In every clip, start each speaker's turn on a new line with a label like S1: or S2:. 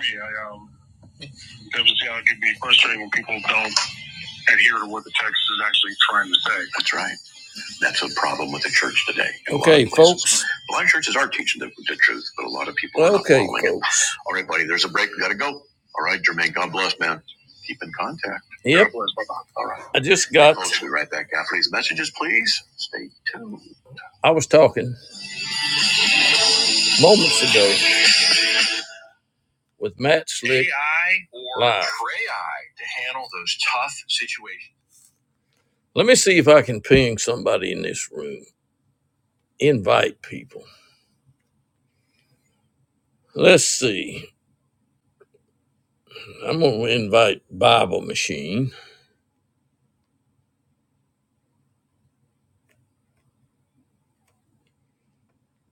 S1: me. I um, that was yeah, it can be frustrating when people don't adhere to what the text is actually trying to say. That's right. That's a problem with the church today. Okay, folks. A lot of churches are teaching the, the truth, but a lot of people are not okay, following it. Okay, folks. All right, buddy. There's a break. We gotta go. All right, Jermaine. God bless, man. Keep in contact. Yep. God bless, bye-bye. All right. I just got. Folks, we'll be right back after these messages. Please stay tuned. I was talking moments ago with Matt Slick AI or live. pray I to handle those tough situations. Let me see if I can ping somebody in this room. Invite people. Let's see. I'm going to invite Bible Machine.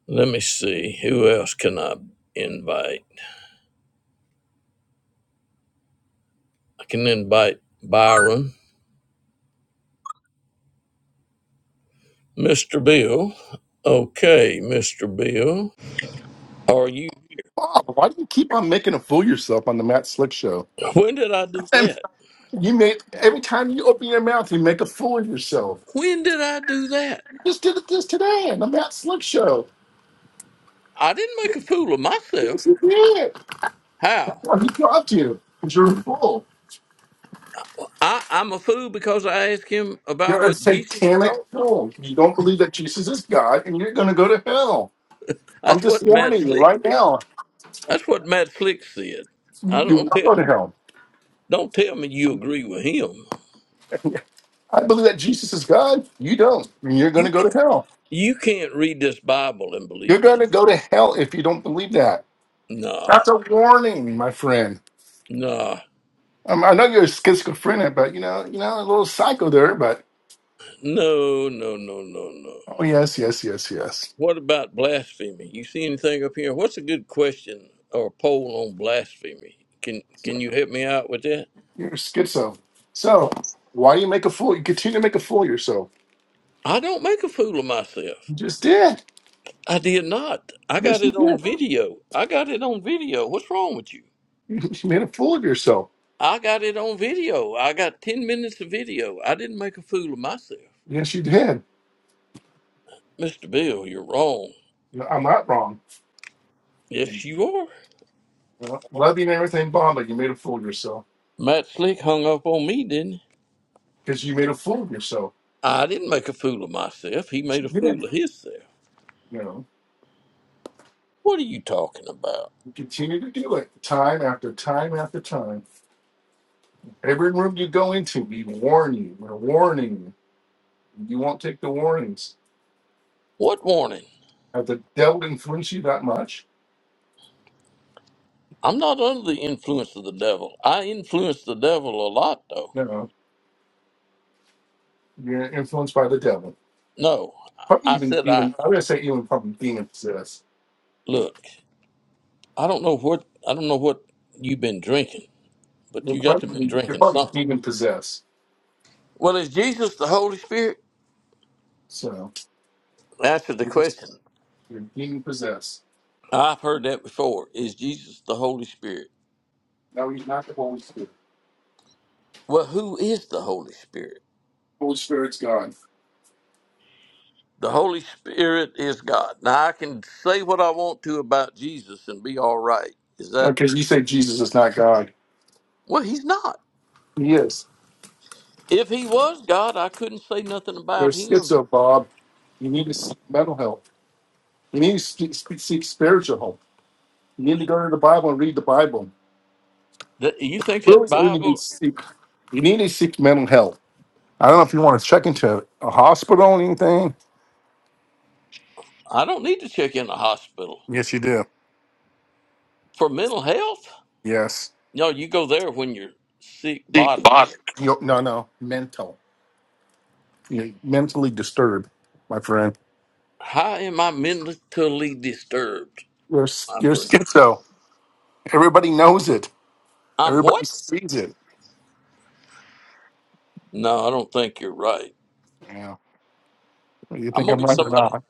S1: Let me see. Who else can I invite? I can invite Byron, Mr. Bill. Okay, Mr. Bill. Are you?
S2: Bob, why do you keep on making a fool of yourself on the Matt Slick show?
S1: When did I do that?
S2: And you make every time you open your mouth, you make a fool of yourself.
S1: When did I do that?
S2: You just did it this today on the Matt Slick show.
S1: I didn't make a fool of
S2: Yes,
S1: myself.
S2: you did.
S1: How?
S2: Well, he dropped you because you're a fool.
S1: I, I'm a fool because I asked him about
S2: You're a
S1: what Jesus
S2: satanic
S1: taught.
S2: fool. You don't believe that Jesus is God, and you're going to go to hell. I'm
S1: That's
S2: just
S1: what Matt
S2: warning you
S1: Slick
S2: right now.
S1: That's what Matt Slick said. I
S2: You
S1: don't
S2: will
S1: tell.
S2: go to hell.
S1: Don't tell me you agree with him.
S2: I believe that Jesus is God. You don't. and You're going
S1: You
S2: to go to
S1: ca-
S2: hell.
S1: you can't read this Bible and
S2: You're
S1: believe
S2: going to
S1: Jesus.
S2: go to hell if you don't believe that.
S1: Nah,
S2: That's a warning, my friend.
S1: nah,
S2: Um, I know you're schizophrenic, but you know, you know, a little psycho there. But
S1: no, no, no, no, no.
S2: oh yes, yes, yes, yes.
S1: What about blasphemy? You see anything up here? What's a good question or poll on blasphemy? Can
S2: So,
S1: can you help me out with that?
S2: You're schizo. So why do you make a fool? You continue to make a fool of yourself.
S1: I don't make a fool of myself.
S2: You just did.
S1: I did not. I got
S2: Yes, you
S1: it on
S2: did.
S1: video. I got it on video. What's wrong with you?
S2: You you made a fool of yourself.
S1: I got it on video. I got 10 minutes of video. I didn't make a fool of myself.
S2: Yes, you did.
S1: Mr. Bill, you're wrong.
S2: No, I'm not wrong.
S1: Yes,
S2: You
S1: you are.
S2: know, loving everything Bob, but you made a fool of yourself
S1: Matt Slick hung up on me, didn't he?
S2: because you made a fool of yourself.
S1: I didn't make a fool of myself. He
S2: Yes,
S1: made a
S2: You did.
S1: fool of himself.
S2: You know,
S1: What are you talking about?
S2: you continue to do it time after time after time. Every room you go into, we warn you. We're warning you You won't take the warnings.
S1: What warning?
S2: Have the devil influenced you that much?
S1: I'm not under the influence of the devil. I influence the devil a lot, though.
S2: You know, you're influenced by the devil.
S1: No, I
S2: Probably even
S1: said I
S2: demon. i would say even probably demon possessed.
S1: look. I don't know what I don't know what you've been drinking, but
S2: You're
S1: you got to been
S2: probably you're
S1: drinking
S2: probably
S1: something.
S2: demon possessed.
S1: Well, is Jesus the Holy Spirit?
S2: So
S1: Answer the
S2: you're, just,
S1: question.
S2: you're demon possessed.
S1: I've heard that before. Is Jesus the Holy Spirit?
S2: No, he's not the Holy Spirit.
S1: Well, who is the Holy Spirit?
S2: Holy Spirit's God.
S1: The Holy Spirit is God. Now, I can say what I want to about Jesus and be all right. Is that,
S2: Okay, you say Jesus is not God.
S1: well, he's not.
S2: He is.
S1: If he was God, I couldn't say nothing
S2: You're
S1: about him.
S2: schizo, Bob. You need to seek mental help. You need to seek, seek spiritual help. You need to go to the Bible and read the Bible.
S1: That- You think that
S2: Really, you need to
S1: Bible,
S2: seek. You need to seek mental health. I don't know if you want to check into a hospital or anything.
S1: I don't need to check in the hospital
S2: Yes, you do.
S1: for mental health.
S2: Yes.
S1: No, you go there when you're sick
S2: Deep
S1: bodily.
S2: body. You, no, no. Mental. You're mentally disturbed, my friend.
S1: How am I mentally disturbed,
S2: You're, s-
S1: my
S2: you're
S1: friend?
S2: schizo. Everybody knows it.
S1: I'm
S2: Everybody
S1: what?
S2: sees it.
S1: No, I don't think you're right.
S2: Yeah. Whether You
S1: I'm
S2: think
S1: gonna
S2: I'm
S1: get
S2: right or
S1: somebody.
S2: not?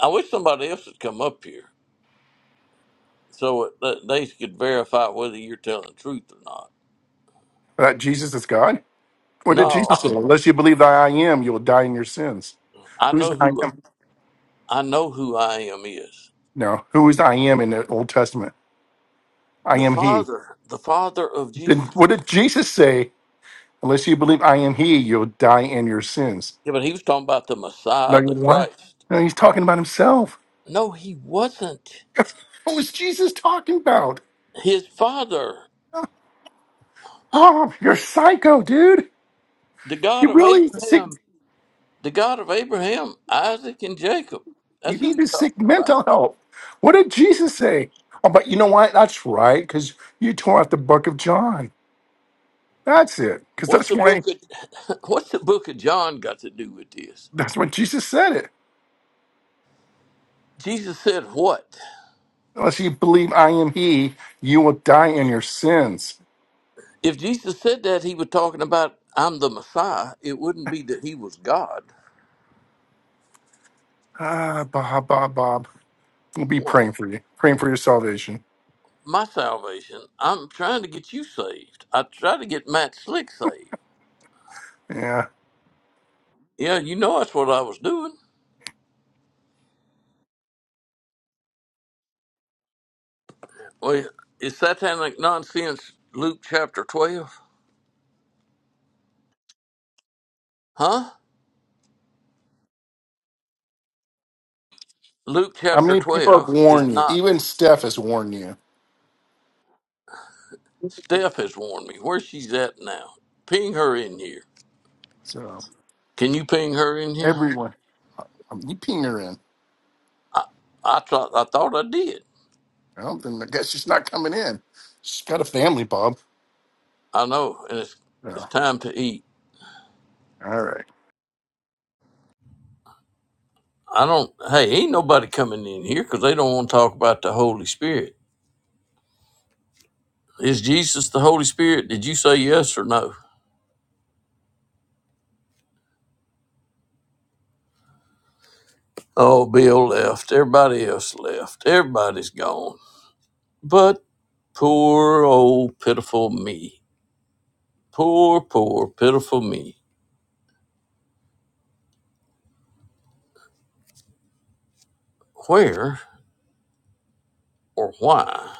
S1: I wish somebody else had come up here so it, that they could verify whether you're telling the truth or not.
S2: That Jesus is God? What did Jesus
S1: No,
S2: say? Unless you believe that I am, you will die in your sins.
S1: I
S2: Who's
S1: know
S2: the I
S1: who
S2: am?
S1: I know who I am is
S2: No. Who is I am in the Old Testament? I
S1: the
S2: am He.
S1: Father, the Father of
S2: Then
S1: Jesus.
S2: what did Jesus say? Unless you believe I am He, you'll die in your sins.
S1: Yeah, but he was talking about the
S2: No,
S1: Messiah,
S2: you
S1: the
S2: what?
S1: Christ.
S2: No, he's talking about himself.
S1: No, he wasn't.
S2: what was Jesus talking about?
S1: His Father,
S2: Oh, you're psycho, dude.
S1: the God
S2: You
S1: of
S2: really sick.
S1: Abraham, the God of Abraham, Isaac, and Jacob.
S2: You
S1: That's who
S2: need
S1: he's
S2: to seek
S1: talking about.
S2: mental help. What did Jesus say? Oh, but you know what? That's right, because you tore out the book of John. That's it. Because
S1: What's
S2: that's
S1: the
S2: why
S1: book of What's the book of John got to do with this?
S2: that's when Jesus said it.
S1: Jesus said what?
S2: Unless you believe I am He, you will die in your sins.
S1: If Jesus said that he was talking about I'm the Messiah, it wouldn't be that he was God.
S2: Ah, Bob, Bob, Bob. We'll be
S1: What?
S2: praying for you, praying for your salvation.
S1: My salvation. I'm trying to get you saved. I tried to get Matt Slick saved.
S2: Yeah.
S1: Yeah, you know that's what I was doing. Well, is satanic nonsense Luke chapter 12? Huh? Luke
S2: How
S1: chapter
S2: many people have
S1: 12 is
S2: warned you?
S1: not.
S2: Even Steph has warned you.
S1: Steph has warned me. Where she's at now. Ping her in here.
S2: So
S1: Can you ping her in here?
S2: everyone, um, you ping her in.
S1: I thought I thought I did.
S2: Well, then I guess she's not coming in. She's got a family, Bob.
S1: I know, and it's it's
S2: So,
S1: time to eat.
S2: all right.
S1: I don't. Hey, ain't nobody coming in here because they don't want to talk about the Holy Spirit. Is Jesus the Holy Spirit? Did you say yes or no? Oh, Bill left. Everybody else left. Everybody's gone. But poor old pitiful me. Poor, poor, pitiful me. Where or why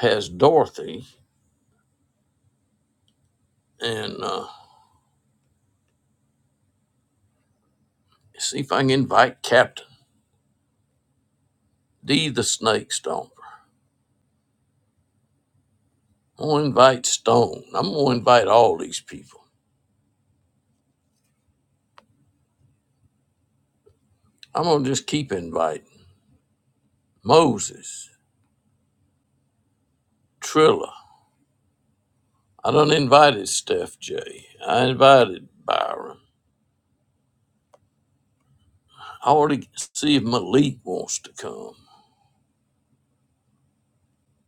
S1: has Dorothy and uh, see if I can invite Captain D the Snake Stone? I'm gonna invite Stone. I'm gonna invite all these people. I'm gonna just keep inviting Moses, Trilla. I done invited Steph J. I invited Byron. I already see if Malik wants to come.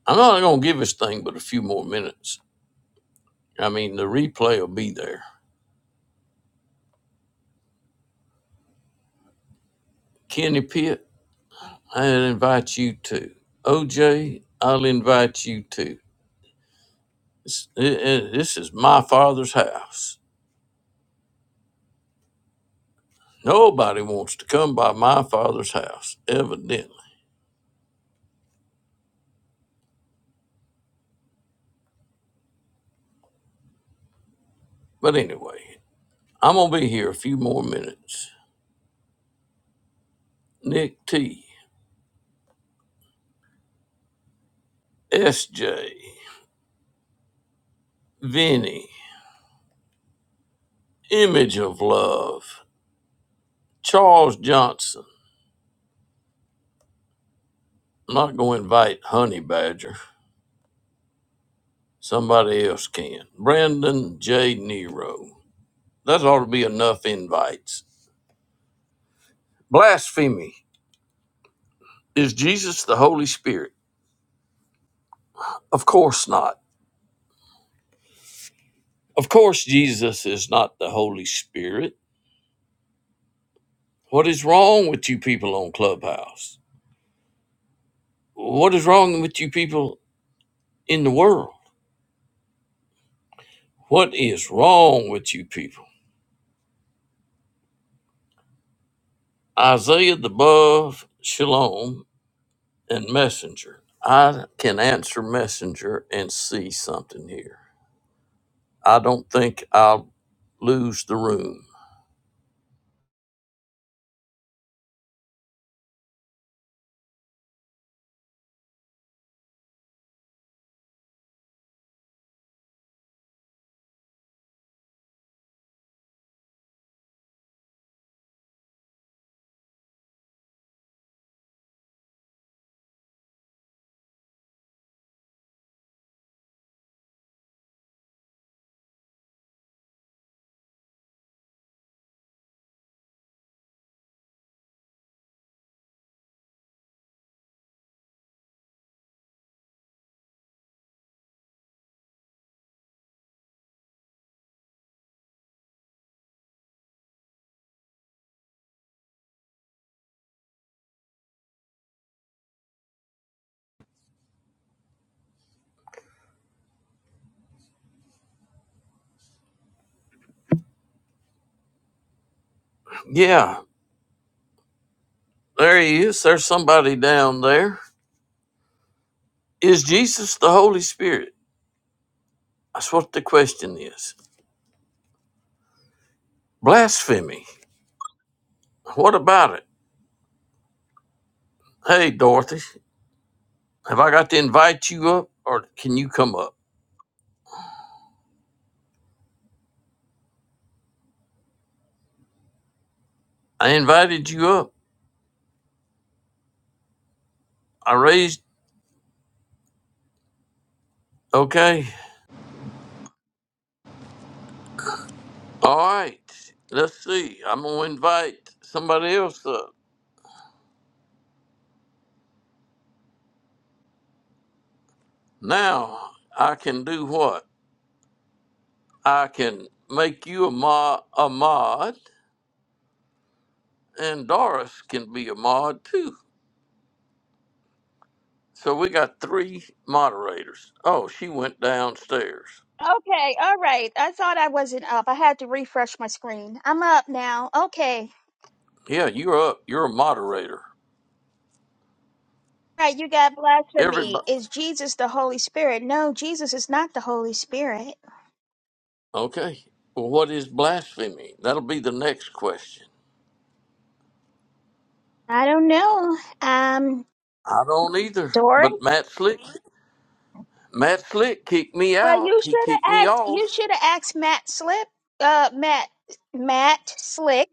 S1: I'm not gonna give this thing but a few more minutes. I mean, the replay will be there. Kenny Pitt, I invite you too. OJ, I'll invite you too. This, it- it- this is my father's house. Nobody wants to come by my father's house, evidently. But anyway, I'm going to be here a few more minutes. Nick T. S. J. SJ, Vinny, Image of Love, Charles Johnson. I'm not going to invite Honey Badger. Somebody else can. Brandon J. Nero. That ought to be enough invites. Blasphemy. Is Jesus the Holy Spirit? Of course not. Of course, Jesus is not the Holy Spirit. What is wrong with you people on Clubhouse? What is wrong with you people in the world? What is wrong with you people? Isaiah the Buff, Shalom, and Messenger. I can answer Messenger and see something here. I don't think I'll lose the room. Yeah, there he is. There's somebody down there. Is Jesus the Holy Spirit? That's what the question is. Blasphemy. What about it? Hey, Dorothy, have I got to invite you up or can you come up? I invited you up. I raised. Okay. All right. Let's see. I'm going to invite somebody else up. Now I can do what? I can make you a, mo- a mod, and Doris can be a mod too. So we got three moderators. Oh, she went downstairs.
S3: Okay, all right. I thought I wasn't up. I had to refresh my screen. I'm up now. Okay.
S1: Yeah, you're up. You're a moderator.
S3: All right, you got blasphemy.
S1: Everybody.
S3: Is Jesus the Holy Spirit? No, Jesus is not the Holy Spirit.
S1: Okay. Well, what is blasphemy? That'll be the next question.
S3: I don't know. Um,
S1: I don't either.
S3: Dory?
S1: But Matt Slick, Matt Slick kicked me
S3: Well, you
S1: out. He
S3: should
S1: kicked me
S3: have asked
S1: off.
S3: you should have asked Matt Slip, uh Matt Matt Slick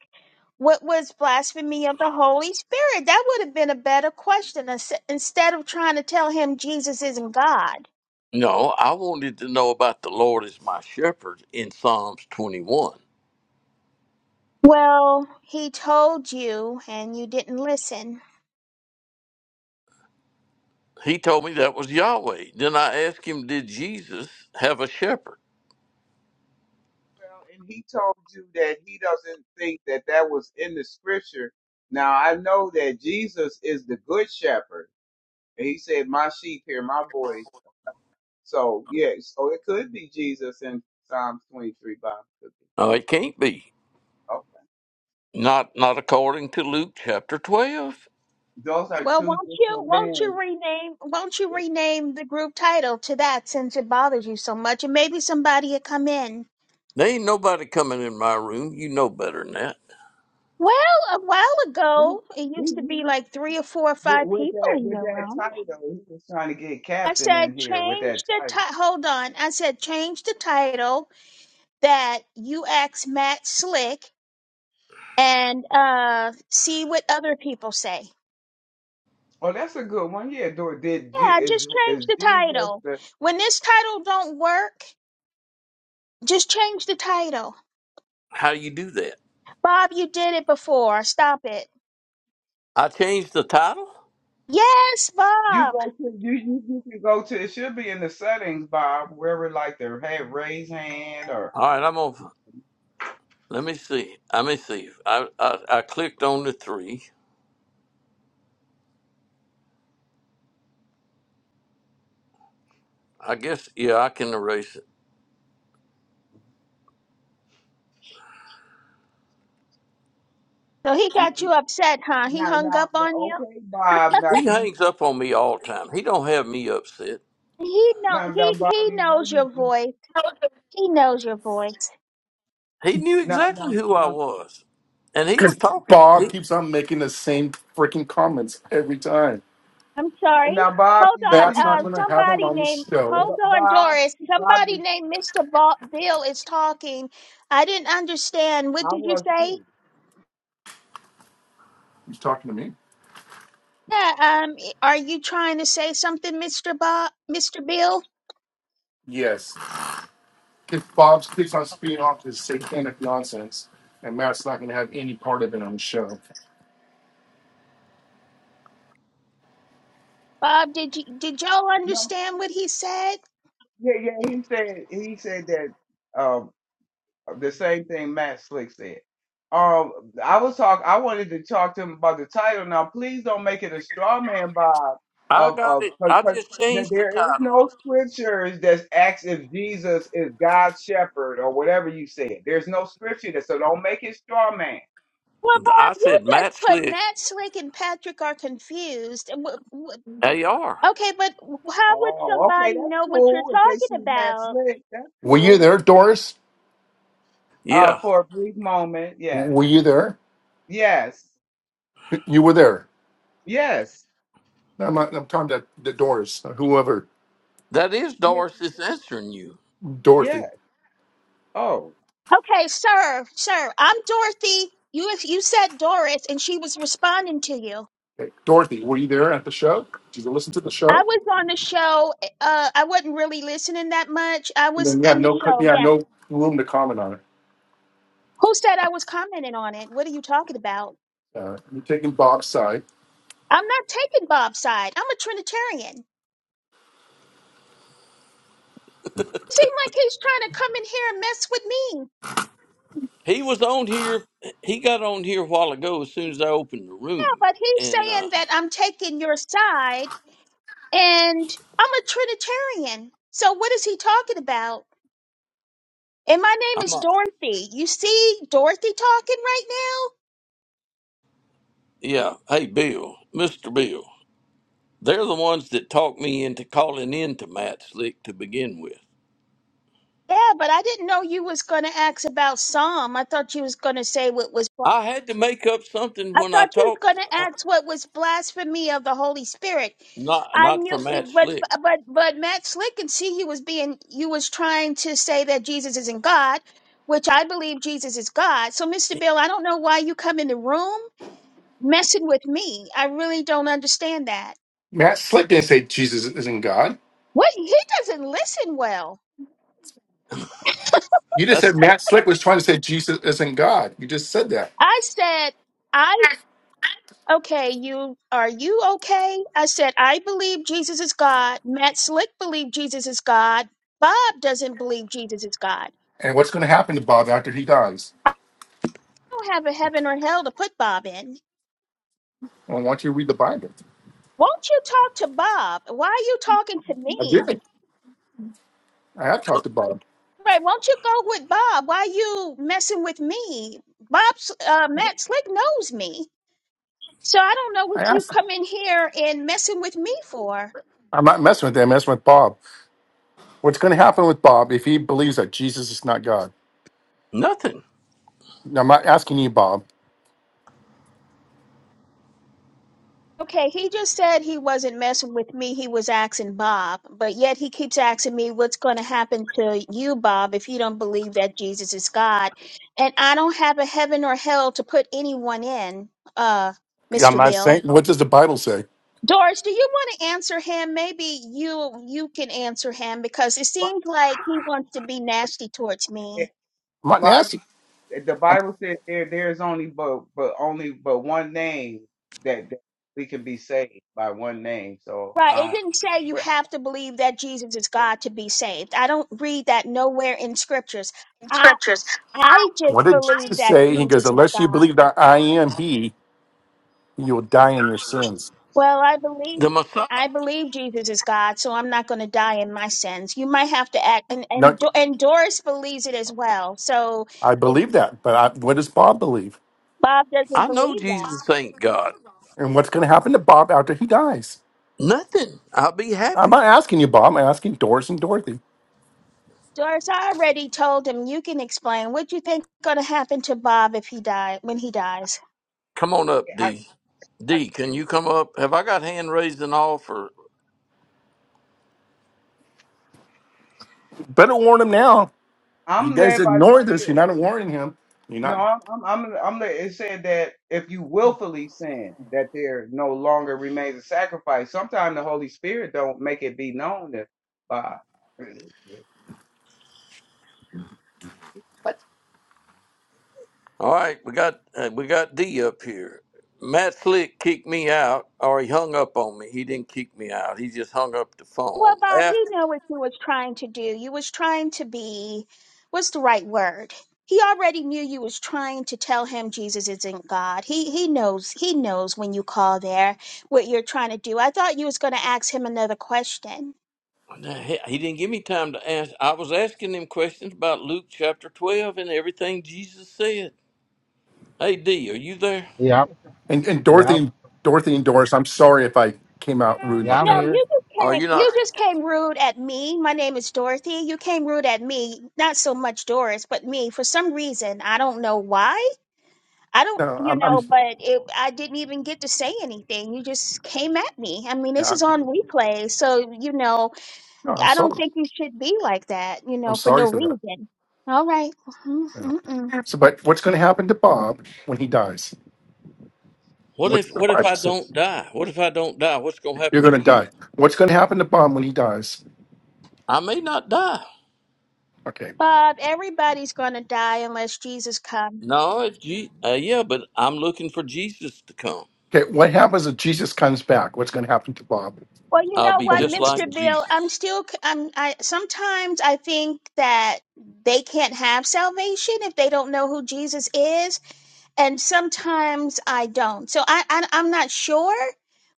S3: what was blasphemy of the Holy Spirit. That would have been a better question ins- instead of trying to tell him Jesus isn't God.
S1: No, I wanted to know about the Lord as my shepherd in Psalms 21.
S3: Well, he told you and you didn't listen.
S1: He told me that was Yahweh. Then I asked him, did Jesus have a shepherd?
S4: Well, and he told you that he doesn't think that that was in the scripture. Now, I know that Jesus is the good shepherd. And he said, My sheep hear my voice. So, yeah, so it could be Jesus in Psalms 23, Bob. Could be.
S1: No, it can't be.
S4: Okay.
S1: Not not according to Luke chapter 12.
S4: Those are
S3: Well,
S4: two
S3: won't you
S4: different
S3: won't
S4: men.
S3: you rename won't you rename the group title to that since it bothers you so much and maybe somebody will come in.
S1: There ain't nobody coming in my room. You know better than that.
S3: Well, a while
S4: He,
S3: ago, it
S4: he,
S3: used to be
S4: he,
S3: like three or four or five
S4: with
S3: people
S4: that
S3: in
S4: with
S3: your
S4: that
S3: room.
S4: title, he was trying to get
S3: I
S4: captain in
S3: said
S4: here with
S3: change
S4: that
S3: the
S4: title.
S3: ti- hold on. I said change the title that you ask Matt Slick and uh see what other people say.
S4: Oh, that's a good one. Yeah, Dor- did G,
S3: Yeah,
S4: is
S3: just change
S4: is
S3: the
S4: Jesus?
S3: title. When this title don't work, just change the title.
S1: How do you do that?
S3: Bob, you did it before. Stop it.
S1: I changed the title.
S3: Yes,
S4: You
S3: Bob.
S4: go to you, you you can go to it should be in the settings, Bob, wherever like the hey raise hand or
S1: All right, I'm I'm gonna Let me see. Let me see. I, I I clicked on the three. I guess yeah, I can erase it.
S3: So he
S4: now
S3: got you upset, huh? He
S4: now
S3: hung
S4: now,
S3: up
S4: now,
S3: on you.
S4: okay Bob now
S1: He
S4: you
S1: hangs up on me all the time. He don't have me upset.
S3: He know
S4: now now
S3: he
S4: Bob
S3: he
S4: you know
S3: knows
S4: you,
S3: your
S4: you
S3: voice. He knows your voice.
S1: He knew
S4: now
S1: exactly
S4: now
S1: who I
S4: now
S1: was, and he
S2: Because
S1: was talking.
S2: Bob
S1: He,
S2: keeps on making the same freaking comments every time.
S3: I'm sorry.
S4: now Bob
S3: Hold
S4: you know
S3: on.
S2: Matt's
S4: you,
S2: not
S3: Uh,
S2: going
S4: you
S2: to have him
S3: somebody
S2: on the
S3: named.
S2: show.
S3: Hold
S4: but
S3: on,
S4: Bob
S3: Doris.
S4: Bob
S3: Somebody
S4: is
S3: named Mr. Ba- Bill is talking. I didn't understand. What
S4: I
S3: did you
S4: was
S3: say?
S4: too
S2: He's talking to me.
S3: Yeah, um, i- are you trying to say something, Mr. Bob, Mr. Bill?
S2: Yes. Because Bob keeps on spewing off this satanic nonsense, and Matt's not going to have any part of it on the show.
S3: Bob, did you did y'all
S4: no
S3: understand what he said?
S4: yeah yeah he said he said that um, the same thing Matt Slick said. Um, I was talk. I wanted to talk to him about the title. Now, please don't make it a straw man vibe
S1: I
S4: of
S1: got
S4: of
S1: it. I
S4: because
S1: just changed the
S4: there is no
S1: title.
S4: scriptures that asks if Jesus is God's shepherd or whatever you said. There's no scripture that so don't make it straw man.
S3: Well,
S1: I
S3: Bob, you
S1: said Matt
S3: just put
S1: Slick
S3: Matt Slick and Patrick are confused. And wh- wh-
S1: AR.
S3: Okay, but how would
S4: Oh, okay,
S3: somebody
S4: that's
S3: know what you're
S4: cool. If they
S3: talking
S4: see Matt
S3: about?
S4: Slick, that's
S2: Were you
S4: cool.
S2: there, Doris?
S4: Uh,
S1: Yeah,
S4: for a brief moment, yes,
S2: Were you there?
S4: yes,
S2: You were there.
S4: yes,
S2: No, I'm, not, I'm talking about the Doors, uh, whoever,
S1: that is
S4: yes,
S1: Doris that's answering you.
S2: Dorothy.
S4: yes. Oh,
S3: Okay, sir, sir, I'm Dorothy. You you said Doris, and she was responding to you.
S2: Hey, Dorothy, were you there at the show? Did you listen to the
S3: I
S2: show?
S3: was on the show. Uh, I wasn't really listening that much. I
S2: And
S3: was
S2: then you have
S3: in the
S2: no, co- you
S3: show.
S2: have
S3: yes.
S2: no room to comment on it.
S3: Who said I was commenting on it? What are you talking about?
S2: Uh, you're taking Bob's side.
S3: I'm not taking Bob's side. I'm a Trinitarian. It seems like he's trying to come in here and mess with me.
S1: He was on here. He got on here a while ago. As soon as I opened the
S3: Yeah,
S1: room,
S3: but he's
S1: and uh,
S3: saying that I'm taking your side and I'm a Trinitarian. So what is he talking about? And my name
S1: I'm
S3: is
S1: not.
S3: Dorothy. You see Dorothy talking right now?
S1: Yeah. Hey, Bill, Mister Bill. They're the ones that talked me into calling into Matt Slick to begin with.
S3: Yeah, but I didn't know you was gonna ask about Psalm. I thought you was gonna say what was
S1: I had to make up something
S3: I
S1: when I
S3: thought you was going
S1: talked,
S3: to ask what was blasphemy of the Holy Spirit.
S1: not
S3: I
S1: not for
S3: knew, it,
S1: Matt
S3: but
S1: Slick.
S3: but but Matt Slick and see you was being you was trying to say that Jesus isn't God, which I believe Jesus is God. So, Mister Bill, I don't know why you come in the room messing with me. I really don't understand that.
S2: Matt Slick didn't say Jesus isn't God.
S3: What he doesn't listen well.
S2: You just
S1: That's
S2: said Matt Slick was trying to say Jesus isn't God. You just said that.
S3: I said. I. okay, you are you okay? I said, I believe Jesus is God. Matt Slick believed Jesus is God. Bob doesn't believe Jesus is God.
S2: And what's going to happen to Bob after he dies?
S3: You don't have a heaven or hell to put Bob in.
S2: I want you to read the Bible.
S3: Won't you talk to Bob? Why are you talking to
S2: I
S3: me?
S2: did. I have talked to Bob.
S3: Right, won't you go with Bob? Why you messing with me? Bob's uh, Matt Slick knows me. So I don't know what
S2: I
S3: you
S2: asked. him.
S3: come in here and messing with me for.
S2: I'm not messing with him. I'm messing with Bob. What's going to happen with Bob if he believes that Jesus is not God?
S1: nothing.
S2: Now, I'm not asking you, Bob.
S3: Okay, he just said he wasn't messing with me. He was asking Bob, but yet he keeps asking me what's going to happen to you, Bob, if you don't believe that Jesus is God. And I don't have a heaven or hell to put anyone in, uh,
S2: Yeah, I'm
S3: Mr.
S2: not
S3: Bill.
S2: saying. What does the Bible say?
S3: Doris, do you want to answer him? Maybe you you can answer him because it
S4: Bi-
S3: seems like he wants to be nasty towards me.
S2: I'm not
S4: Bible,
S2: nasty.
S4: the Bible says there there is only but but only but one name that, that we can be saved by one name. So
S3: Right,
S4: I
S3: it
S4: don't.
S3: didn't say you
S4: Well,
S3: have to believe that Jesus is God to be saved. I don't read that nowhere in scriptures. I.
S2: Scriptures. I,
S3: I just
S2: What did
S3: believe
S2: Jesus
S3: that
S2: say? He goes,
S3: Jesus is
S2: "Unless you
S3: God.
S2: believe that I am He, you will die in your sins."
S3: Well, I believe
S1: The Messiah.
S3: I believe Jesus is God, so I'm not going to die in my sins. You might have to act, and
S2: No,
S3: and, Do- and Doris believes it as well. So
S2: I
S3: if
S2: believe that, but I, what does Bob believe?
S3: Bob doesn't
S1: I know
S3: believe that,
S1: Jesus ain't God.
S2: And what's going to happen to Bob after he dies?
S1: Nothing. I'll be
S2: I'm
S1: happy.
S2: not asking you, Bob. I'm asking Doris and Dorothy.
S3: Doris, I already told him you can explain. What do you think going to happen to Bob if he die when he dies?
S1: Come on up,
S4: I,
S1: D.
S4: I
S1: D, can you come up? Have I got hand raised and all
S2: Better warn him now. If you
S4: I'm
S2: guys
S4: led by the
S2: ignore this, you're
S4: Spirit.
S2: not warning him. You're
S4: No,
S2: not.
S4: I'm I'm I'm, I'm led, it said that if you willfully sin, that there no longer remains a sacrifice. Sometimes the Holy Spirit don't make it be known that by.
S1: All right, we got uh, we got D up here. Matt Slick kicked me out, or he hung up on me. He didn't kick me out. He just hung up the
S3: Well,
S1: phone.
S3: Bob,
S1: After.
S3: you know what you was trying to do. You was trying to be what's the right word? He already knew you was trying to tell him Jesus isn't God. He he knows he knows when you call there what you're trying to do. I thought you was gonna ask him another question.
S1: Now, He he didn't give me time to ask. I was asking him questions about Luke chapter 12 and everything Jesus said. Hey, D, are you there?
S5: Yeah, I'm-
S2: And, and
S5: yeah,
S2: Dorothy,
S5: I'm-
S2: and Dorothy and Doris, I'm sorry if I came out rude
S5: yeah.
S2: like
S5: I'm
S3: No,
S2: that.
S5: here.
S3: you just
S1: Are
S3: came
S1: you not?
S3: you just came rude at me. My name is Dorothy. You came rude at me, not so much Doris, but me. For some reason, I don't know why. I don't,
S2: No,
S3: you
S2: I'm.
S3: know,
S2: I'm
S3: but it, I didn't even get to say anything. You just came at me. I mean, this
S2: yeah,
S3: is on replay. So, you know,
S2: no, I'm
S3: I don't
S2: sorry.
S3: think you should be like that, you
S2: I'm
S3: know, for
S2: sorry
S3: no
S2: for that.
S3: reason. All right. Mm, mm, mm.
S2: Yeah. So, but what's going to happen to Bob when he dies?
S1: What
S2: What's
S1: if
S2: the
S1: what if
S2: Bible
S1: I
S2: say?
S1: don't die? What if I don't die? What's going to
S2: You're
S1: happen
S2: going
S1: to
S2: to
S1: you?
S2: die. What's going to happen to Bob when he dies?
S1: I may not die.
S2: Okay.
S3: Bob, everybody's going to die unless Jesus comes.
S1: No, it's Je- uh, yeah, but I'm looking for Jesus to come.
S2: Okay. What happens if Jesus comes back? What's going to happen to Bob?
S3: Well, you
S1: I'll
S3: know
S1: be
S2: So
S3: what,
S2: the-
S1: just like
S3: Mr. Bill,
S1: Jesus.
S3: I'm still, c- I'm, I, sometimes I think that they can't have salvation if they don't know who Jesus is and sometimes I don't. So I, I I'm not sure,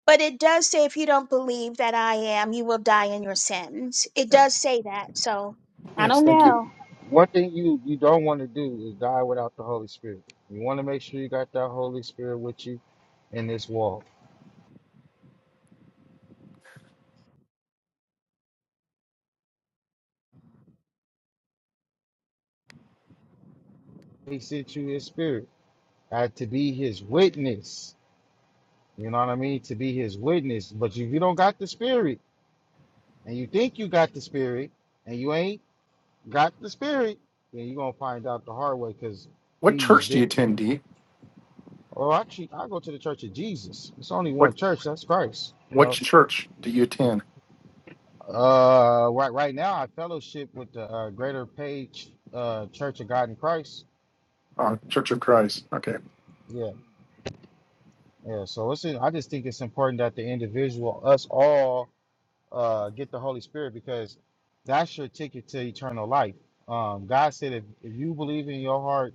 S3: but it does say if you don't believe that I am, you will die in your sins. It does say that. So I
S2: Yes.
S3: don't
S2: Thank you.
S5: You,
S3: know.
S5: one thing you you don't want to do is die without the Holy Spirit. You want to make sure you got that Holy Spirit with you in this walk. He sent you His Spirit uh, to be His witness. You know what I mean? To be His witness. But if you don't got the Spirit, and you think you got the Spirit, and you ain't got the Spirit, then you're gonna find out the hard way because
S2: What
S5: He's
S2: church do you
S5: been.
S2: attend, D?
S5: Oh, actually, I go to the Church of Jesus. It's only one
S2: What
S5: church. That's Christ. You
S2: What
S5: know.
S2: church do you attend?
S5: Uh, right right now I fellowship with the uh, Greater Page uh, Church of God in Christ.
S2: Uh, church of Christ. Okay.
S5: Yeah, yeah. So it's I just think it's important that the individual, us all, uh, get the Holy Spirit because that's your ticket to eternal life. Um, God said if, if you believe in your heart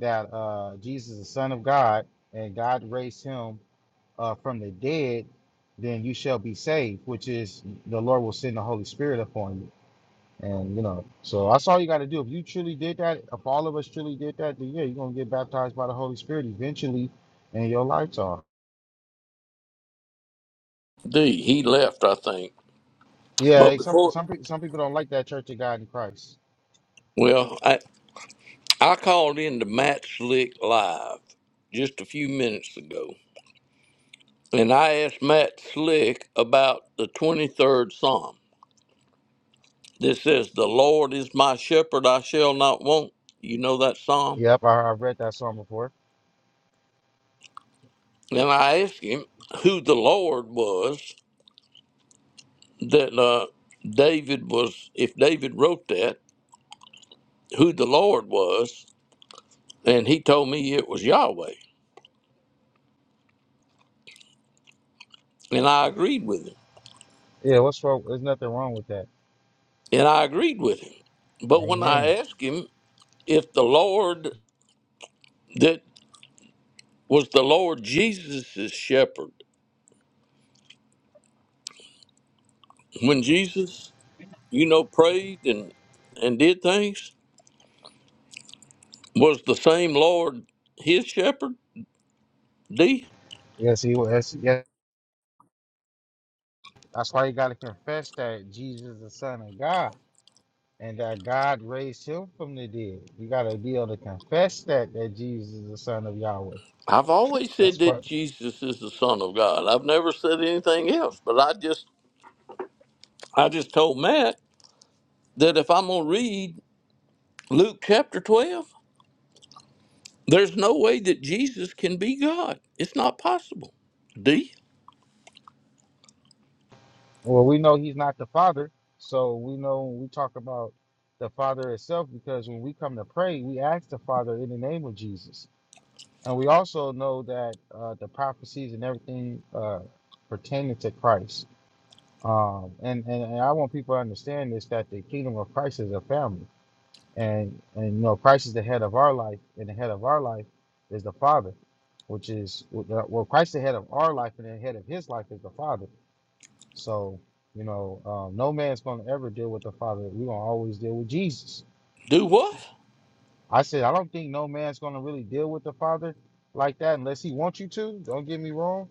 S5: that uh, Jesus is the Son of God and God raised him uh, from the dead, then you shall be saved, which is the Lord will send the Holy Spirit upon you. And you know, so that's all you got to do. If you truly did that, if all of us truly did that, then yeah, you're gonna get baptized by the Holy Spirit eventually and your lights on.
S1: D, he left, I think.
S5: Yeah, eh,
S1: But
S5: some
S1: before,
S5: some pe- some people don't like that Church of God in Christ.
S1: well, I, I called in to Matt Slick Live just a few minutes ago. And I asked Matt Slick about the 23rd Psalm. This says, The Lord is my shepherd, I shall not want. You know that Psalm?
S5: Yep, I, I've read that song before.
S1: And I asked him who the Lord was that uh, David was, if David wrote that, who the Lord was. And he told me it was Yahweh. And I agreed with him.
S5: Yeah, what's wrong? There's nothing wrong with that.
S1: And I agreed with him. But when
S5: Amen.
S1: I asked him if the Lord that was the Lord Jesus' shepherd, when Jesus you know, prayed and and did things? Was the same Lord his shepherd? D.
S5: Yes, he was. Yes, yes. that's why you got to confess that Jesus is the Son of God and that God raised him from the dead. You got to be able to confess that that Jesus is the Son of Yahweh.
S1: I've always
S5: That's
S1: said
S5: part.
S1: that Jesus is the Son of God. I've never said anything else, but I just I just told Matt that if I'm gonna read Luke chapter twelve, there's no way that Jesus can be God. It's not possible. D.
S5: Well, we know he's not the father, so we know when we talk about the father itself because when we come to pray, we ask the father in the name of Jesus. And we also know that uh, the prophecies and everything uh, pertaining to Christ. Um, and, and, and I want people to understand this that the kingdom of Christ is a family. And, and you know, Christ is the head of our life, and the head of our life is the Father, which is well, Christ, the head of our life, and the head of his life is the Father. So, you know, um, no man's going to ever deal with the Father. We're going to always deal with Jesus.
S1: Do what?
S5: I said, I don't think no man's going to really deal with the Father like that unless he wants you to. Don't get me wrong.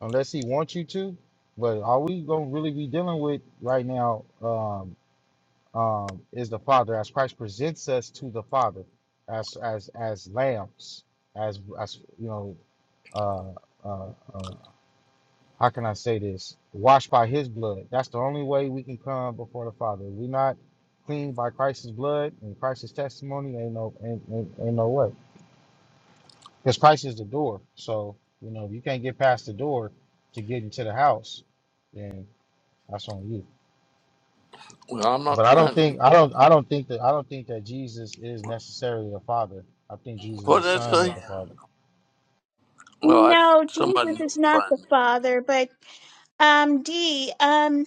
S5: Unless he wants you to. But all we going to really be dealing with right now um, um, is the Father as Christ presents us to the Father as as as lambs, as, as you know, uh, uh, uh, how can I say this? Washed by his blood. That's the only way we can come before the Father. If we not cleaned by Christ's blood and Christ's testimony, ain't no ain't, ain't, ain't no way. Because Christ is the door. So, you know, if you can't get past the door to get into the house, then that's on you.
S1: Well, I'm not
S5: But I don't
S1: trying. to-
S5: think I don't I don't think that I don't think that Jesus is necessarily the Father. I think Jesus is
S1: What
S5: the
S1: did I
S5: Son of
S1: say?
S5: the Father.
S1: Well, that's
S3: No,
S1: somebody
S3: Jesus is not the
S1: notifying me.
S3: Father, but um D, um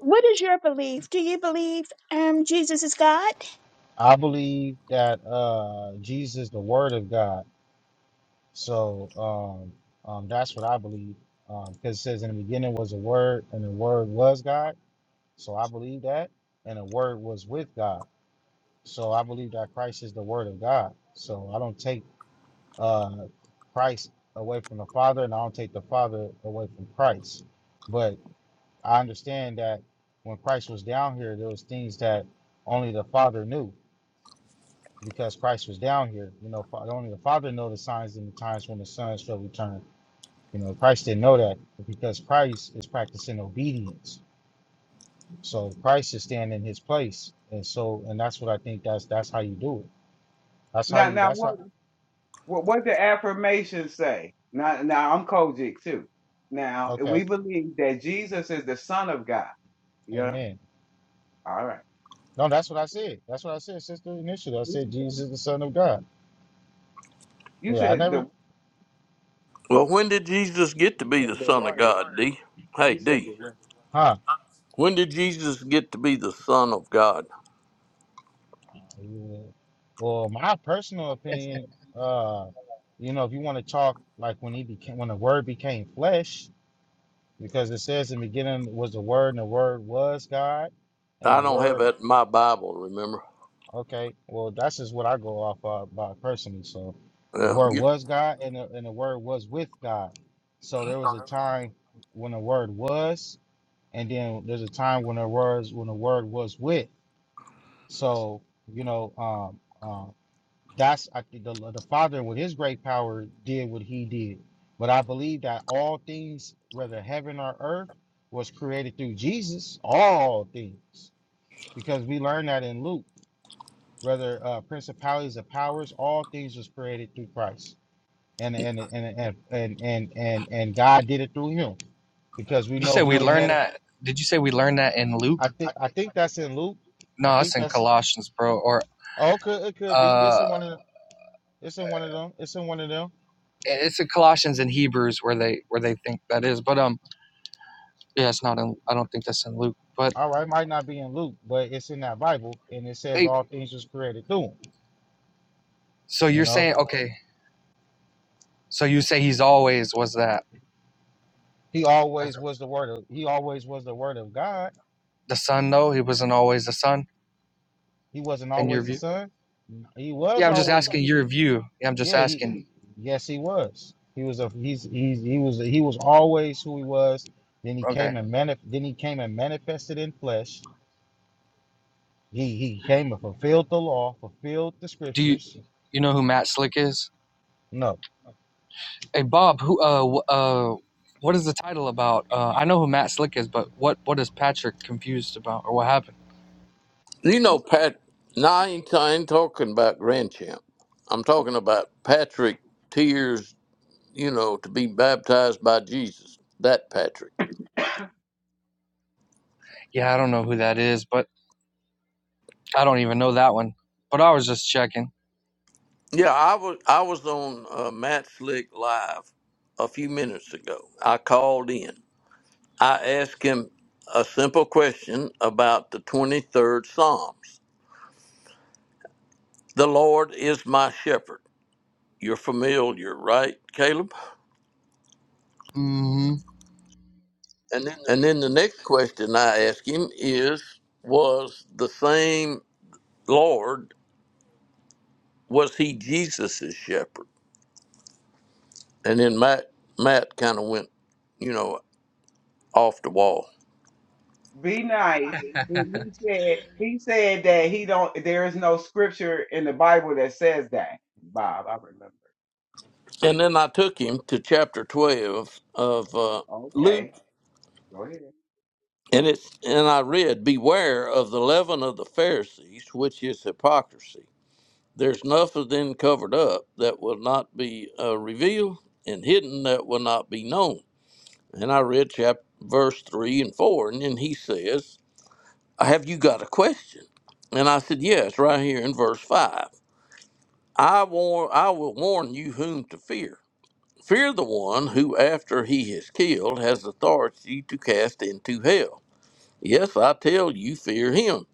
S3: what is your belief? Do you believe um Jesus is God?
S5: I believe that uh Jesus, the Word of God So um, um, that's what I believe. Because it says, in the beginning was a word, and the word was God. So I believe that. And the word was with God. So I believe that Christ is the word of God. So I don't take uh, Christ away from the Father, and I don't take the Father away from Christ. But I understand that when Christ was down here, there was things that only the Father knew because Christ was down here. You know, fa- only the Father know the signs and the times when the Son shall return You know, Christ didn't know that because Christ is practicing obedience. So Christ is standing in his place. And so and that's what I think that's that's how you do it. That's how
S4: Now
S5: you
S4: now
S5: that's
S4: what
S5: how
S4: what what the affirmations say? Now now I'm Kojic too. Now
S5: okay.
S4: we believe that Jesus is the Son of God. Yeah.
S5: Amen.
S4: All right.
S5: No, that's what I said. That's what I said, sister initially. I
S4: What you
S5: said
S4: say?
S5: Jesus is the Son of God.
S4: You
S5: Yeah, I
S4: said the
S5: never
S1: Well, when did Jesus get to
S4: you
S1: be the
S4: said the
S1: Son of
S4: word.
S1: God, D? Hey,
S4: You said
S1: D.
S4: the word.
S5: huh.
S1: When did Jesus get to be the Son of God?
S5: Yeah. Well, my personal opinion, uh, you know, if you want to talk like when he became when the word became flesh, because it says in the beginning was the word and the word was God and
S1: I
S5: the
S1: don't have
S5: word
S1: that in my Bible, remember?
S5: Okay, well, that's just what I go off of, by personally. So, the
S1: Yeah.
S5: Word
S1: You,
S5: was God, and the, and the Word was with God. So there was a time when the Word was, and then there's a time when the words when the Word was with. So you know, um, um, that's I think the the Father with His great power did what He did. But I believe that all things, whether heaven or earth, was created through Jesus. All things, because we learned that in Luke whether uh, principalities or powers, all things was created through Christ, and and and and and and and, and God did it through Him because we
S6: You
S5: know
S6: said
S5: who
S6: we
S5: the
S6: learned
S5: head.
S6: that. Did you say we learned that in Luke?
S5: I think I think that's in Luke. I
S6: No, it's
S5: think
S6: in
S5: that's
S6: Colossians, bro. Or
S5: oh, it could it could be. It's
S6: uh,
S5: in one of it's in one of them. It's in one of them.
S6: it's in Colossians and Hebrews where they where they think that is. But um, yeah, it's not in. I don't think that's in Luke. But
S5: All right, might not be in Luke, but it's in that Bible, and it says
S6: hey,
S5: all things was created through Him.
S6: so
S5: You
S6: you're
S5: know,
S6: saying okay? So you say he's always was that
S5: He always was the Word of. He always was the Word of God.
S6: the son though? He wasn't always the son
S5: He wasn't
S6: in your
S5: always the
S6: view.
S5: Son. He was
S6: Yeah, I'm just
S5: always.
S6: asking your view. Yeah, I'm just
S5: Yeah, he
S6: asking.
S5: yes he was. He was a he's he's he was he was always who he was. Then he came
S6: Okay.
S5: and manif- then he came and manifested in flesh. He he came and fulfilled the law, fulfilled the
S6: Do you
S5: scriptures.
S6: you know who Matt Slick is?
S5: No.
S6: Hey Bob, who uh wh- uh what is the title about? Uh I know who Matt Slick is, but what what is Patrick confused about or what happened?
S1: you know, Pat, no, I ain't, I ain't talking about Grand Champ. I'm talking about Patrick Tears, you know, to be baptized by Jesus. That Patrick.
S6: Yeah, I don't know who that is, but I don't even know that one. But I was just checking.
S1: Yeah, I was I was on uh, Matt Slick Live a few minutes ago. I called in. I asked him a simple question about the 23rd Psalms. The Lord is my shepherd. You're familiar, right, Caleb?
S6: mm Mhm. And
S1: And then the next question I ask him is Was the same Lord, was he Jesus's shepherd? And then Matt, Matt kind of went, you know, off the wall.
S4: Be nice. He, he said he said that he don't there is no scripture in the Bible that says that. Bob, I remember.
S1: And then I took him to chapter 12 of uh, Luke.
S4: Okay. Go ahead.
S1: And it's and I read, Beware of the leaven of the Pharisees, which is hypocrisy. There's nothing then covered up that will not be uh, revealed, and hidden that will not be known. And I read chapter verse three and four, and then he says, "Have you got a question?" And I said, "Yes, right here in verse five. I warn, I will warn you whom to fear. Fear the one who, after he is killed, has authority to cast into hell. Yes, I tell you, fear him."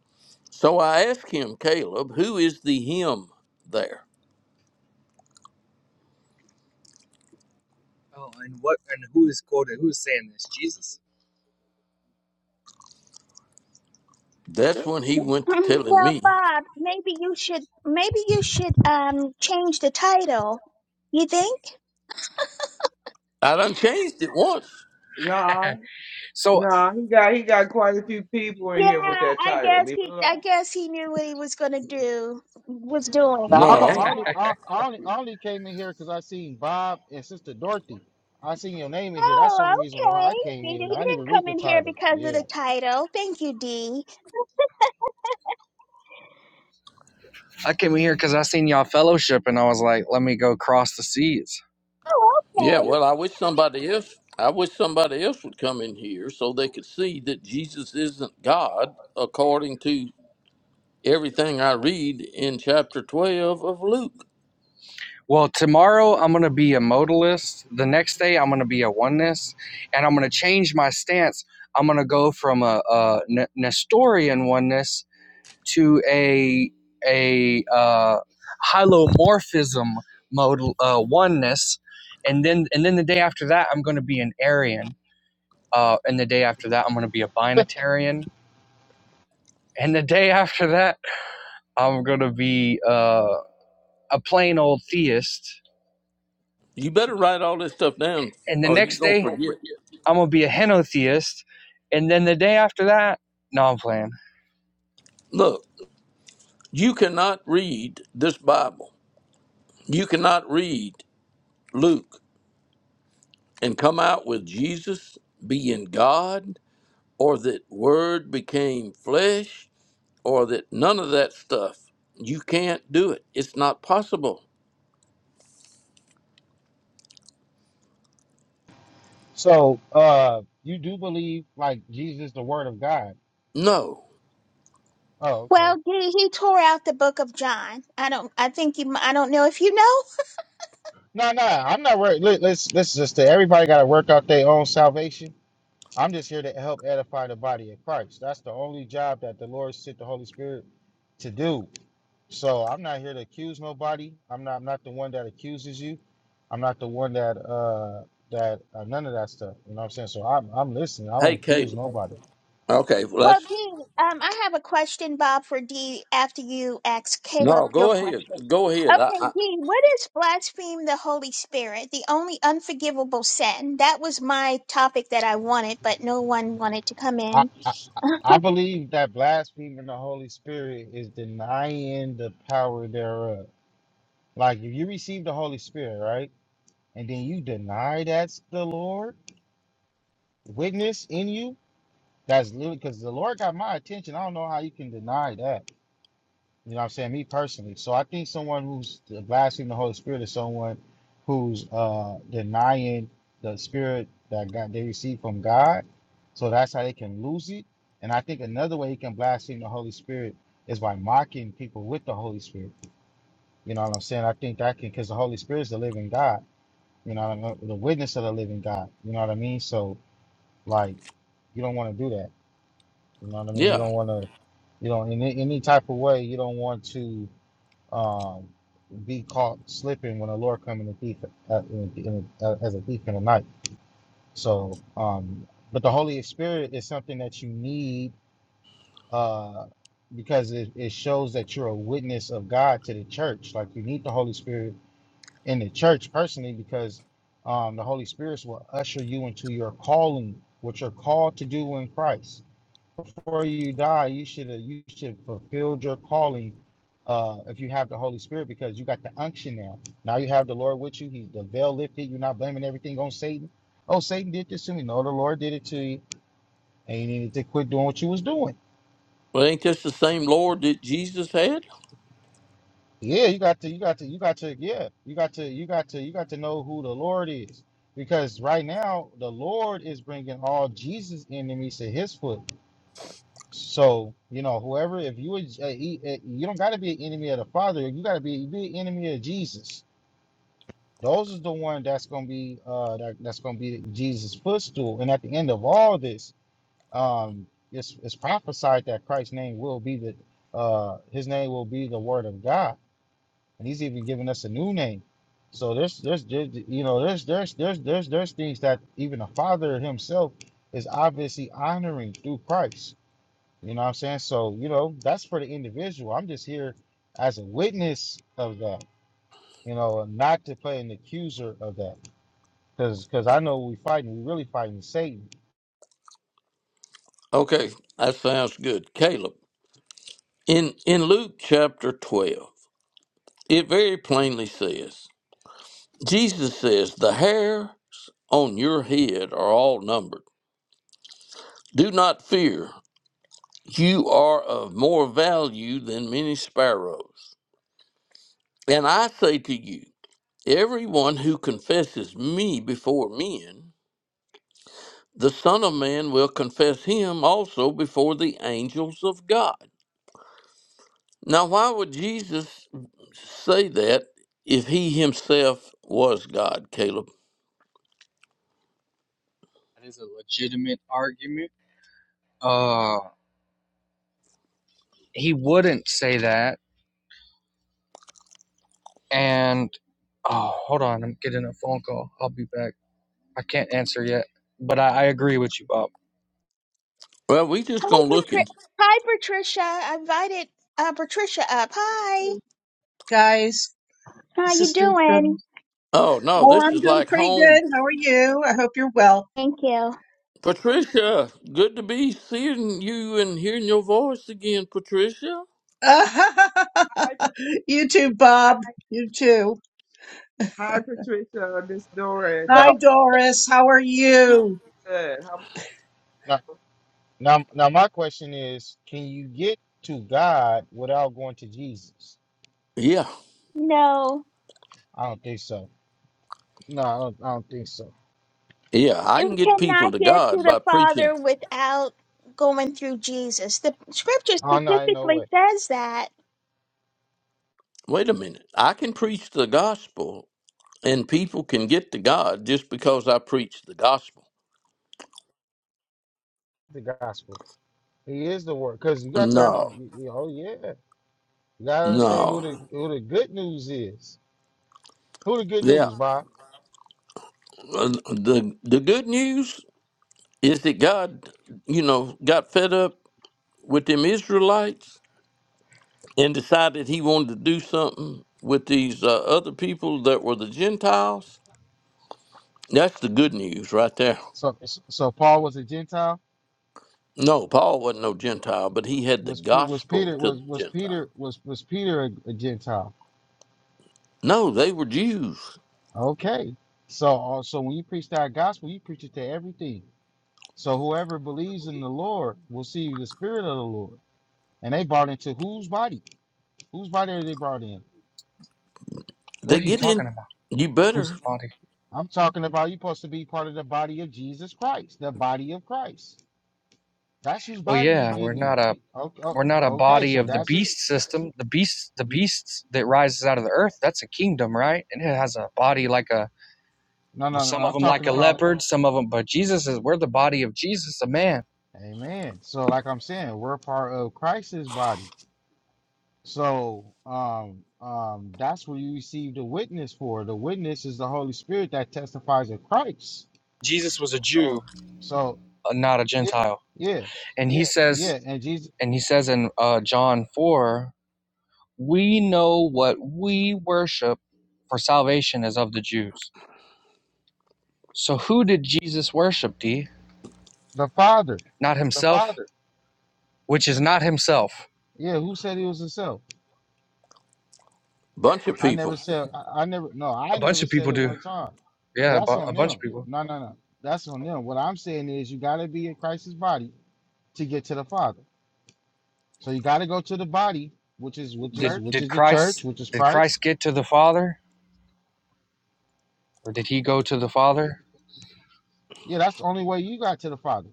S1: So I asked him, Caleb, who is the him there?
S6: oh, and what and who is quoted? Who is saying this? Jesus?
S1: That's when he went to
S3: Mm,
S1: telling
S3: Well,
S1: me.
S3: Bob, maybe you should maybe you should um change the title. You think?
S1: I done changed it once.
S4: Nah,
S6: So
S4: nah, he got he got quite a few people in
S3: Yeah,
S4: here with that
S3: I
S4: title.
S3: guess
S4: Leave it
S3: he I
S4: alone.
S3: guess he knew what he was gonna do was
S5: Now
S3: doing.
S5: I'm a,
S1: No,
S5: I only I, I only I only came in here because I seen Bob and Sister Dorothy. I seen your name in here. That's the
S3: Oh,
S5: only reason why
S3: okay.
S5: I came
S3: He, di- he
S5: in. I didn't
S3: didn't
S5: even read
S3: come
S5: the
S3: in here
S5: title.
S3: because of
S5: Yeah.
S3: the title. Thank you, Dee.
S6: I came in here cuz I seen y'all fellowship and I was like, let me go cross the seas.
S3: Oh,
S1: Yeah,
S3: okay.
S1: well, I wish somebody else. I wish somebody else would come in here so they could see that Jesus isn't God according to everything I read in chapter 12 of Luke.
S6: Well, tomorrow I'm going to be a modalist. The next day I'm going to be a oneness, and I'm going to change my stance. I'm going to go from a a Nestorian oneness to a a uh, hylomorphism modal uh, oneness, and then and then the day after that I'm going to be an Arian, uh, and the day after that I'm going to be a binatarian, and the day after that I'm going to be uh, a plain old theist,
S1: You better write all this stuff down
S6: and the
S1: or you're
S6: next
S1: going
S6: day.
S1: to
S6: Don't forget
S1: forget.
S6: I'm gonna be a henotheist, and then the day after that, no, I'm playing.
S1: Look, you cannot read this Bible. You cannot read Luke and come out with Jesus being God or that word became flesh or that none of that stuff. You can't do it. It's not possible.
S5: So uh you do believe like Jesus the word of God.
S1: No.
S5: Oh, okay.
S3: Well, Dee, he tore out the book of John. I don't I think you m- I don't know if you know,
S5: No, no, I'm not worried. Let, let's let's just say everybody got to work out their own salvation. I'm just here to help edify the body of Christ. That's the only job that the Lord sent the Holy Spirit to do. So I'm not here to accuse nobody. I'm not I'm not the one that accuses you. I'm not the one that uh that uh, none of that stuff. You know what I'm saying? So I'm I'm listening. I
S1: Hey,
S5: don't accuse
S1: Caleb.
S5: nobody.
S1: Okay, well,
S3: Well,
S1: that's
S3: Dee, um, I have a question, Bob, for Dee after you ask Caleb
S1: no.
S3: your
S1: Go ahead.
S3: question.
S1: Go ahead. I,
S3: Okay,
S1: I,
S3: Dee, what is blaspheme the Holy Spirit, the only unforgivable sin? That was my topic that I wanted, but no one wanted to come
S5: I
S3: in.
S5: I,
S3: hi,
S5: I believe that blaspheming the Holy Spirit is denying the power thereof. Like if you receive the Holy Spirit, right? and then you deny that's the Lord witness in you. That's literally because the Lord got my attention. I don't know how you can deny that. You know what I'm saying? Me personally. So I think someone who's blaspheming the Holy Spirit is someone who's uh denying the spirit that God they receive from God. So that's how they can lose it. And I think another way you can blaspheme the Holy Spirit is by mocking people with the Holy Spirit. You know what I'm saying? I think that can because the Holy Spirit is the living God. You know, what I mean? the witness of the living God. You know what I mean? So Like you don't want to do that. You know what I mean? You
S1: yeah.
S5: don't want to. You know, in any any type of way, you don't want to um, be caught slipping when the Lord come in the thief uh, in, in, uh, as a thief in the night. So, um, but the Holy Spirit is something that you need uh, because it, it shows that you're a witness of God to the church. Like you need the Holy Spirit in the church personally because um, the Holy Spirit will usher you into your calling, what you're called to do in Christ before you die, you should have you should fulfilled your calling uh, if you have the Holy Spirit because you got the unction now. Now you have the Lord with you. He's the veil lifted. You're not blaming everything on Satan. Oh, Satan did this to me. No, the Lord did it to you, and you needed to quit doing what you was doing.
S1: Well, ain't this the same Lord that Jesus had?
S5: Yeah, you got to, you got to, you got to, yeah, you got to, you got to, you got to know who the Lord is, because right now the Lord is bringing all Jesus' enemies to His foot. So you know, whoever, if you would, uh, he- uh, you don't got to be an enemy of the Father. You got to be be an enemy of Jesus. Those is the one that's gonna be uh that, that's gonna be Jesus' footstool. And at the end of all this, um, it's it's prophesied that Christ's name will be the uh his name will be the Word of God, and he's even giving us a new name. So there's there's, there's you know there's there's there's there's there's things that even the Father himself is obviously honoring through Christ. You know what I'm saying? So, you know, that's for the individual. I'm just here as a witness of that, you know, and not to play an accuser of that. Because I know we're fighting, we're really fighting Satan.
S1: Okay, that sounds good. Caleb. In in Luke chapter twelve, it very plainly says, Jesus says, "The hairs on your head are all numbered. Do not fear. You are of more value than many sparrows." And I say to you, everyone who confesses me before men, the Son of Man will confess him also before the angels of God. Now, why would Jesus say that if he himself was God, Caleb?
S6: That is a legitimate argument. Uh, he wouldn't say that, and oh, hold on, I'm getting a phone call. I'll be back. I can't answer yet, but I, I agree with you, Bob.
S1: Well, we just gonna look and
S3: Patri- hi, Patricia. I invited uh, Patricia up. Hi.
S7: guys,
S3: How you
S7: sisters,
S3: doing?
S7: brothers.
S1: oh no,
S7: Oh,
S1: this
S7: I'm
S1: is
S7: doing
S1: like
S7: pretty
S1: home.
S7: good. How are you? I hope you're well.
S3: Thank you.
S1: Patricia, good to be seeing you and hearing your voice again, Patricia.
S4: Hi,
S7: you too,
S4: Pat-
S7: Bob. You too.
S4: hi Patricia, this Doris.
S7: Hi,
S5: Now,
S7: Doris. How are you?
S4: Good. How-
S5: now, now, now, my question is can you get to God without going to Jesus?
S1: Yeah,
S3: No.
S5: I don't think so. No, I don't, I don't think so.
S1: yeah, I
S3: You
S1: can get people
S3: cannot
S1: to
S3: get to
S1: God
S3: the
S1: by preaching
S3: Father without going through Jesus. The scripture
S5: Oh, no, I know
S3: specifically
S5: what.
S3: says that.
S1: wait a minute. I can preach the gospel and people can get to God just because I preach the gospel.
S5: The gospel. He is the word. Because you got that,
S1: No,
S5: oh, yeah. You got to understand who
S1: no.
S5: the, who the good news is. Who the good
S1: Yeah.
S5: news, Bob?
S1: Uh, The, the good news is that God, you know, got fed up with them Israelites and decided he wanted to do something with these uh, other people that were the Gentiles. That's the good news right there.
S5: So so Paul was a Gentile.
S1: No, Paul wasn't no Gentile, but he had the
S5: Was Pe- was
S1: gospel
S5: Peter
S1: to the
S5: was was
S1: Gentile.
S5: Peter was was Peter a, a Gentile?
S1: No, they were Jews.
S5: Okay. So uh, so when you preach that gospel, you preach it to everything. So whoever believes in the Lord will see the Spirit of the Lord. And they brought into whose body? Whose body are they brought in?
S6: What
S1: They
S6: are you
S1: get in,
S6: talking about?
S1: you
S6: Who's the
S1: better,
S6: body?
S5: I'm talking about you supposed to be part of the body of Jesus Christ, the body of Christ. That's whose
S6: Well,
S5: body you
S6: yeah, we're
S5: getting
S6: not
S5: in.
S6: a
S5: Okay,
S6: We're not a
S5: okay
S6: body
S5: so
S6: of the
S5: that's who,
S6: beast system. The beast, the beasts that rises out of the earth, that's a kingdom, right? And it has a body like a
S5: no, no, no.
S6: some of
S5: I'm
S6: them like
S5: talking
S6: a
S5: about
S6: leopard, some of them. But Jesus is we're the body of Jesus, a man.
S5: Amen. So, like I'm saying, we're part of Christ's body. So, um, um, that's what you receive the witness for. The witness is the Holy Spirit that testifies of Christ.
S6: Jesus was a Jew,
S5: So,
S6: uh, not a Gentile,
S5: yeah,
S6: and he says,
S5: yeah, and Jesus,
S6: and he says in uh, John four, we know what we worship, for salvation is of the Jews. So who did Jesus worship? D
S5: the Father.
S6: not himself, which is not himself.
S5: Yeah, who said he was himself?
S1: bunch of
S5: I never
S1: people.
S5: said. I, I never. No, I
S6: A bunch
S5: never
S6: of
S5: said
S6: people
S5: it
S6: do.
S5: one time. Yeah,
S6: Yeah, a,
S5: that's
S6: bu-
S5: on
S6: a bunch
S5: them.
S6: of people.
S5: No, no, no. That's on them. What I'm saying is, you got to be in Christ's body to get to the Father. So you got to go to the body, which is
S6: did
S5: which is
S6: did
S5: which
S6: right?
S5: is the church,
S6: Christ
S5: which is
S6: did Christ
S5: Christ
S6: get to the Father or did he go to the Father?
S5: Yeah, that's the only way you got to the Father.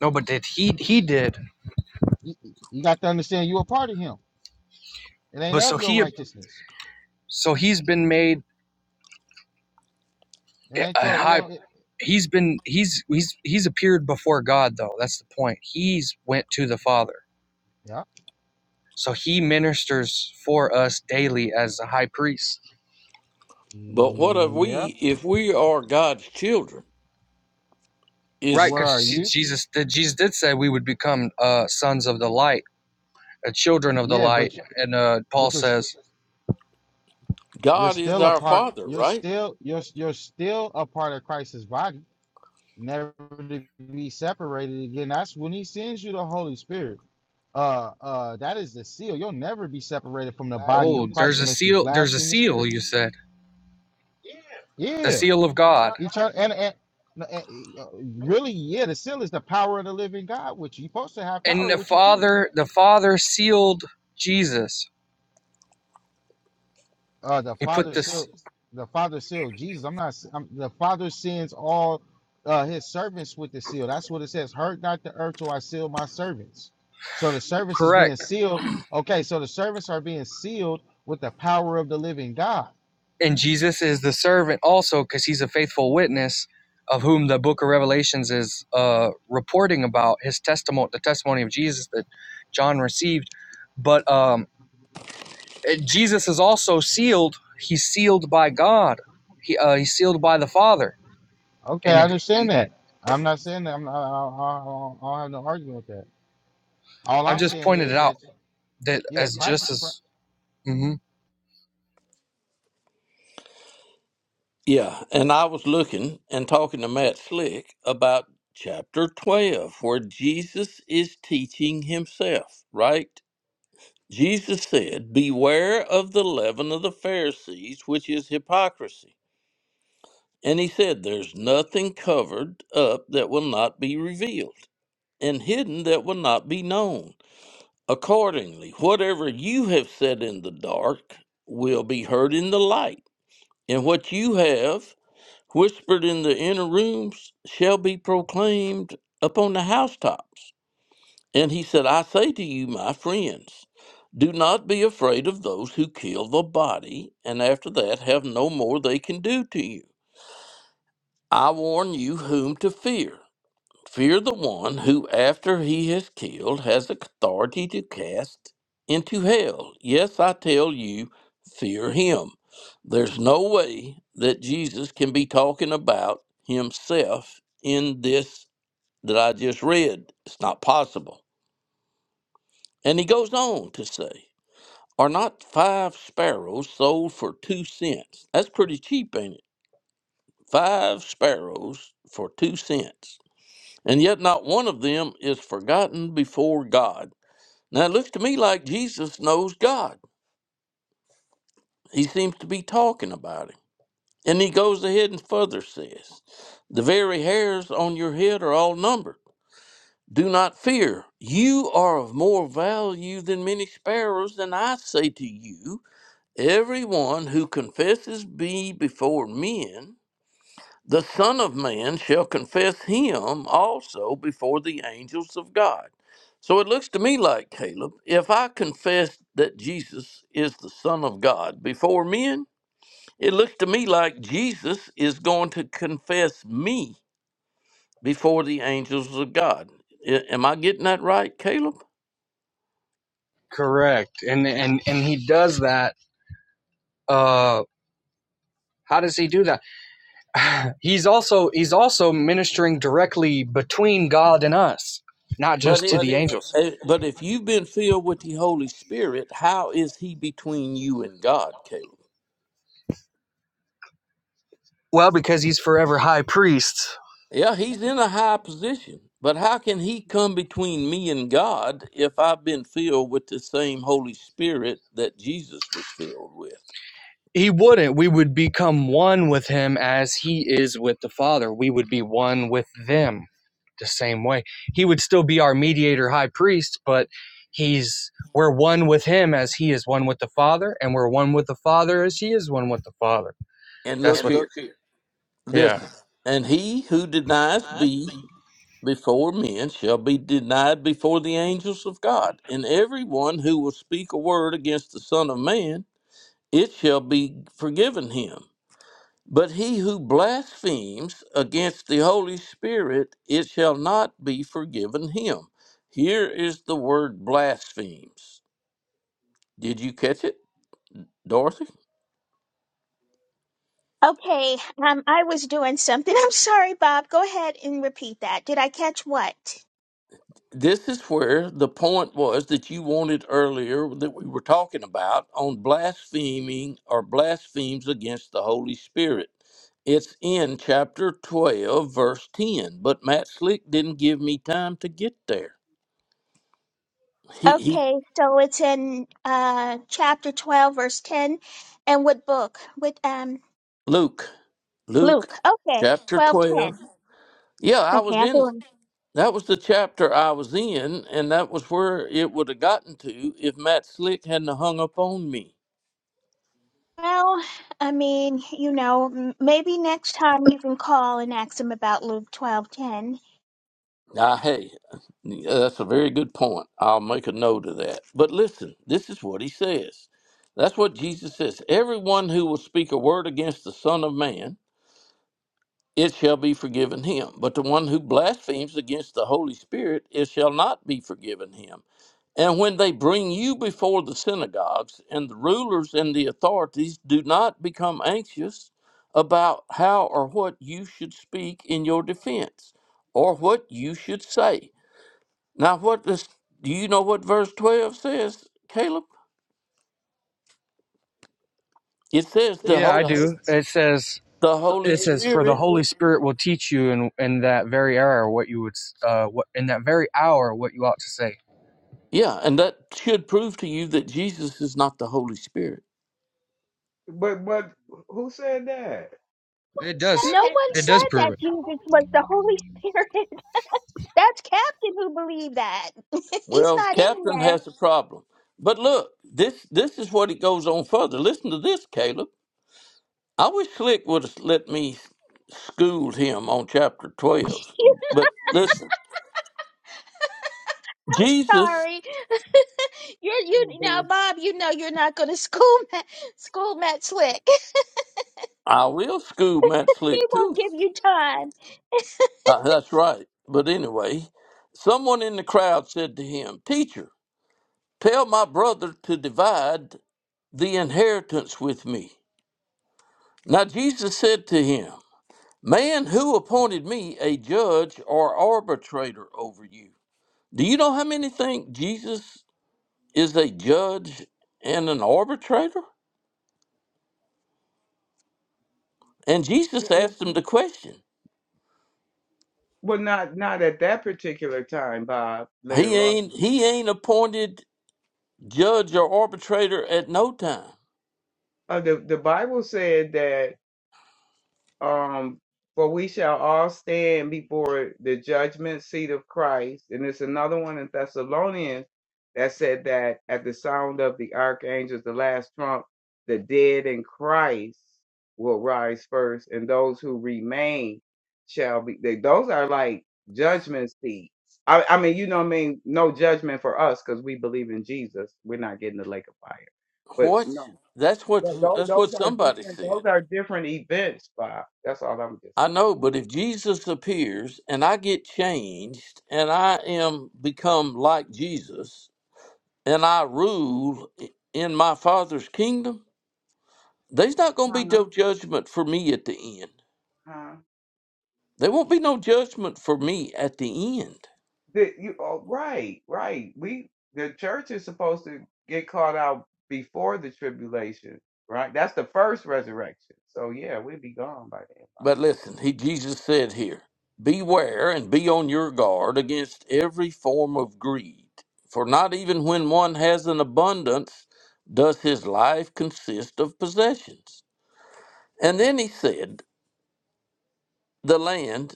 S6: No, but did he he did.
S5: You, you got to understand you're a part of Him. It ain't
S6: But so
S5: of your
S6: he
S5: righteousness.
S6: so he's been made
S5: It
S6: a
S5: ain't your. It
S6: high
S5: ain't. It,
S6: he's been he's he's he's appeared before God though. That's the point. He's went to the Father.
S5: yeah.
S6: So he ministers for us daily as a high priest.
S1: But what are
S5: Yeah.
S1: we, if we are God's children, is
S6: Right
S5: What
S6: cuz
S5: are you?
S6: Jesus did Jesus did say we would become uh sons of the light, uh, children of the
S5: Yeah,
S6: light
S5: but you,
S6: and uh Paul
S5: but you're s-
S6: says,
S5: you're
S1: God is
S5: still a
S1: our
S5: part.
S1: Father,
S5: You're
S1: right?
S5: still you're you're still a part of Christ's body, never to be separated again. That's when He sends you the Holy Spirit. Uh, uh, that is the seal. You'll never be separated from the body
S6: "Oh,
S5: of Christ
S6: there's a
S5: unless you
S6: seal there's a
S5: blaspheme the
S6: seal
S5: Spirit.
S6: you say." the
S5: Yeah.
S6: seal of God.
S5: Eternal and, and, no, and uh, really, yeah, the seal is the power of the living God, which you're supposed to have
S6: And
S5: power
S6: the
S5: with you too.
S6: Father, the Father sealed Jesus.
S5: Uh, the
S6: He put
S5: Father
S6: this
S5: seal, the Father seal, Jesus. I'm not. I'm, the Father sends all uh, his servants with the seal. That's what it says. Hurt not the earth till I seal my servants. So the service is being
S6: correct.
S5: sealed. Okay, so the servants are being sealed with the power of the living God.
S6: And Jesus is the servant also because he's a faithful witness of whom the book of Revelations is uh, reporting about his testimony, the testimony of Jesus that John received. But um, Jesus is also sealed. He's sealed by God. He, uh, he's sealed by the Father.
S5: Okay,
S6: And,
S5: I
S6: the,
S5: understand
S6: and
S5: that. I'm not saying that. I'm not, I, I, I, I don't have no argument with that. All
S6: I've
S5: I'm
S6: just
S5: saying
S6: pointed it
S5: is
S6: out
S5: that
S6: that
S5: yeah,
S6: as
S5: Christ.
S6: just as. mm-hmm.
S1: Yeah, and I was looking and talking to Matt Slick about chapter 12, where Jesus is teaching himself, right? Jesus said, Beware of the leaven of the Pharisees, which is hypocrisy. And he said, There's nothing covered up that will not be revealed, and hidden that will not be known. Accordingly, whatever you have said in the dark will be heard in the light, and what you have whispered in the inner rooms shall be proclaimed upon the housetops. And he said, I say to you, my friends, do not be afraid of those who kill the body, and after that have no more they can do to you. I warn you whom to fear. Fear the one who, after he has killed, has authority to cast into hell. Yes, I tell you, fear him. There's no way that Jesus can be talking about himself in this that I just read. It's not possible. And he goes on to say, Are not five sparrows sold for two cents? That's pretty cheap, ain't it? Five sparrows for two cents. and yet not one of them is forgotten before God. Now it looks to me like Jesus knows God. He seems to be talking about him. And he goes ahead and further says, The very hairs on your head are all numbered. Do not fear. You are of more value than many sparrows, and I say to you, everyone who confesses me before men, the Son of Man shall confess him also before the angels of God. So it looks to me like, Caleb, if I confess that Jesus is the Son of God before men, it looks to me like Jesus is going to confess me before the angels of God. A- Am I getting that right, Caleb?
S6: Correct. And and and he does that uh how does he do that? he's also he's also ministering directly between God and us, not
S1: But
S6: just to
S1: if
S6: the angels.
S1: eh, but if you've been filled with the Holy Spirit, how is he between you and God, Caleb?
S6: Well, because he's forever high priest.
S1: Yeah, he's in a high position. But how can he come between me and God if I've been filled with the same Holy Spirit that Jesus was filled with?
S6: He wouldn't. We would become one with him as he is with the Father. We would be one with them the same way. He would still be our mediator high priest, but he's we're one with him as he is one with the Father, and we're one with the Father as he is one with the Father
S1: And
S6: That's
S1: look
S6: what.
S1: here,
S6: Yeah.
S1: listen. And he who denies me before men shall be denied before the angels of God. And everyone who will speak a word against the Son of Man, it shall be forgiven him. But he who blasphemes against the Holy Spirit, it shall not be forgiven him. Here is the word blasphemes. Did you catch it, Dorothy?
S3: Okay, um, I was doing something. I'm sorry, Bob. Go ahead and repeat that. Did I catch what?
S1: This is where the point was that you wanted earlier that we were talking about on blaspheming or blasphemes against the Holy Spirit. It's in chapter 12, verse 10, but Matt Slick didn't give me time to get there. He, he,
S3: Okay, so it's in uh, chapter 12, verse 10. And what book? With um,
S1: Luke. Luke
S3: Luke. Okay,
S1: chapter
S3: 12,
S1: 12.
S3: 10.
S1: Yeah, I
S3: Okay,
S1: was
S3: I
S1: in,
S3: feel
S1: that was the chapter I was in, and that was where it would have gotten to if Matt Slick hadn't hung up on me.
S3: Well, I mean, you know, m- maybe next time you can call and ask them about Luke 12, 10.
S1: Now, hey, yeah, that's a very good point. I'll make a note of that. But listen, this is what he says. That's what Jesus says. Everyone who will speak a word against the Son of Man, it shall be forgiven him. But the one who blasphemes against the Holy Spirit, it shall not be forgiven him. And when they bring you before the synagogues and the rulers and the authorities, do not become anxious about how or what you should speak in your defense or what you should say. Now, what does do you know what verse 12 says, Caleb? It says the
S6: Yeah, I
S1: Holy,
S6: do. It says
S1: the Holy
S6: it says for the
S1: Spirit.
S6: Holy Spirit will teach you in in that very hour what you would uh what in that very hour what you ought to say.
S1: Yeah, and that should prove to you that Jesus is not the Holy Spirit.
S4: But but who said that?
S6: It does.
S3: No one
S6: It does
S3: said that
S6: prove it.
S3: Jesus was the Holy Spirit. That's Captain who believed that. He's
S1: Well,
S3: not in
S1: Captain
S3: here.
S1: has a problem. But look, this this is what it goes on further. Listen to this, Caleb. I wish Slick would have let me school him on chapter 12. But listen, Jesus,
S3: Sorry. You're
S7: Oh my
S3: you now,
S7: gosh.
S3: Bob. You know you're not going to school Matt, school Matt Slick.
S1: I will school Matt
S3: He
S1: Slick too.
S3: won't give you time.
S1: Uh, that's right. But anyway, someone in the crowd said to him, Teacher, tell my brother to divide the inheritance with me. Now Jesus said to him, Man, who appointed me a judge or arbitrator over you? Do you know how many think Jesus is a judge and an arbitrator? And Jesus asked him the question.
S4: Well, not not at that particular time, Bob.
S1: He
S4: Later on,
S1: ain't he ain't appointed judge or arbitrator at no time.
S4: uh, the the Bible said that. um, for we shall all stand before the judgment seat of Christ. And there's another one in Thessalonians that said that at the sound of the archangels, the last trump, the dead in Christ will rise first, and those who remain shall be. They, those are like judgment seats. I, I mean, you know what I mean? No judgment for us because we believe in Jesus. We're not getting the lake of fire. But
S1: What?
S4: no.
S1: That's what
S4: Th- Those,
S1: that's what
S4: those are
S1: somebody
S4: different.
S1: said.
S4: Those are different events, Bob. That's all I'm just
S1: I know, but if Jesus appears and I get changed and I am become like Jesus and I rule in my father's kingdom, There's not going to
S4: saying.
S1: be
S4: Huh?
S1: no judgment for me at the end.
S4: Huh?
S1: There won't be no judgment for me at the end.
S4: The, you oh, right, right. We the church is supposed to get caught out before the tribulation, right? That's the first resurrection. So yeah, we'd be gone by then.
S1: But listen, he Jesus said here, beware and be on your guard against every form of greed, for not even when one has an abundance does his life consist of possessions. And then he said, the land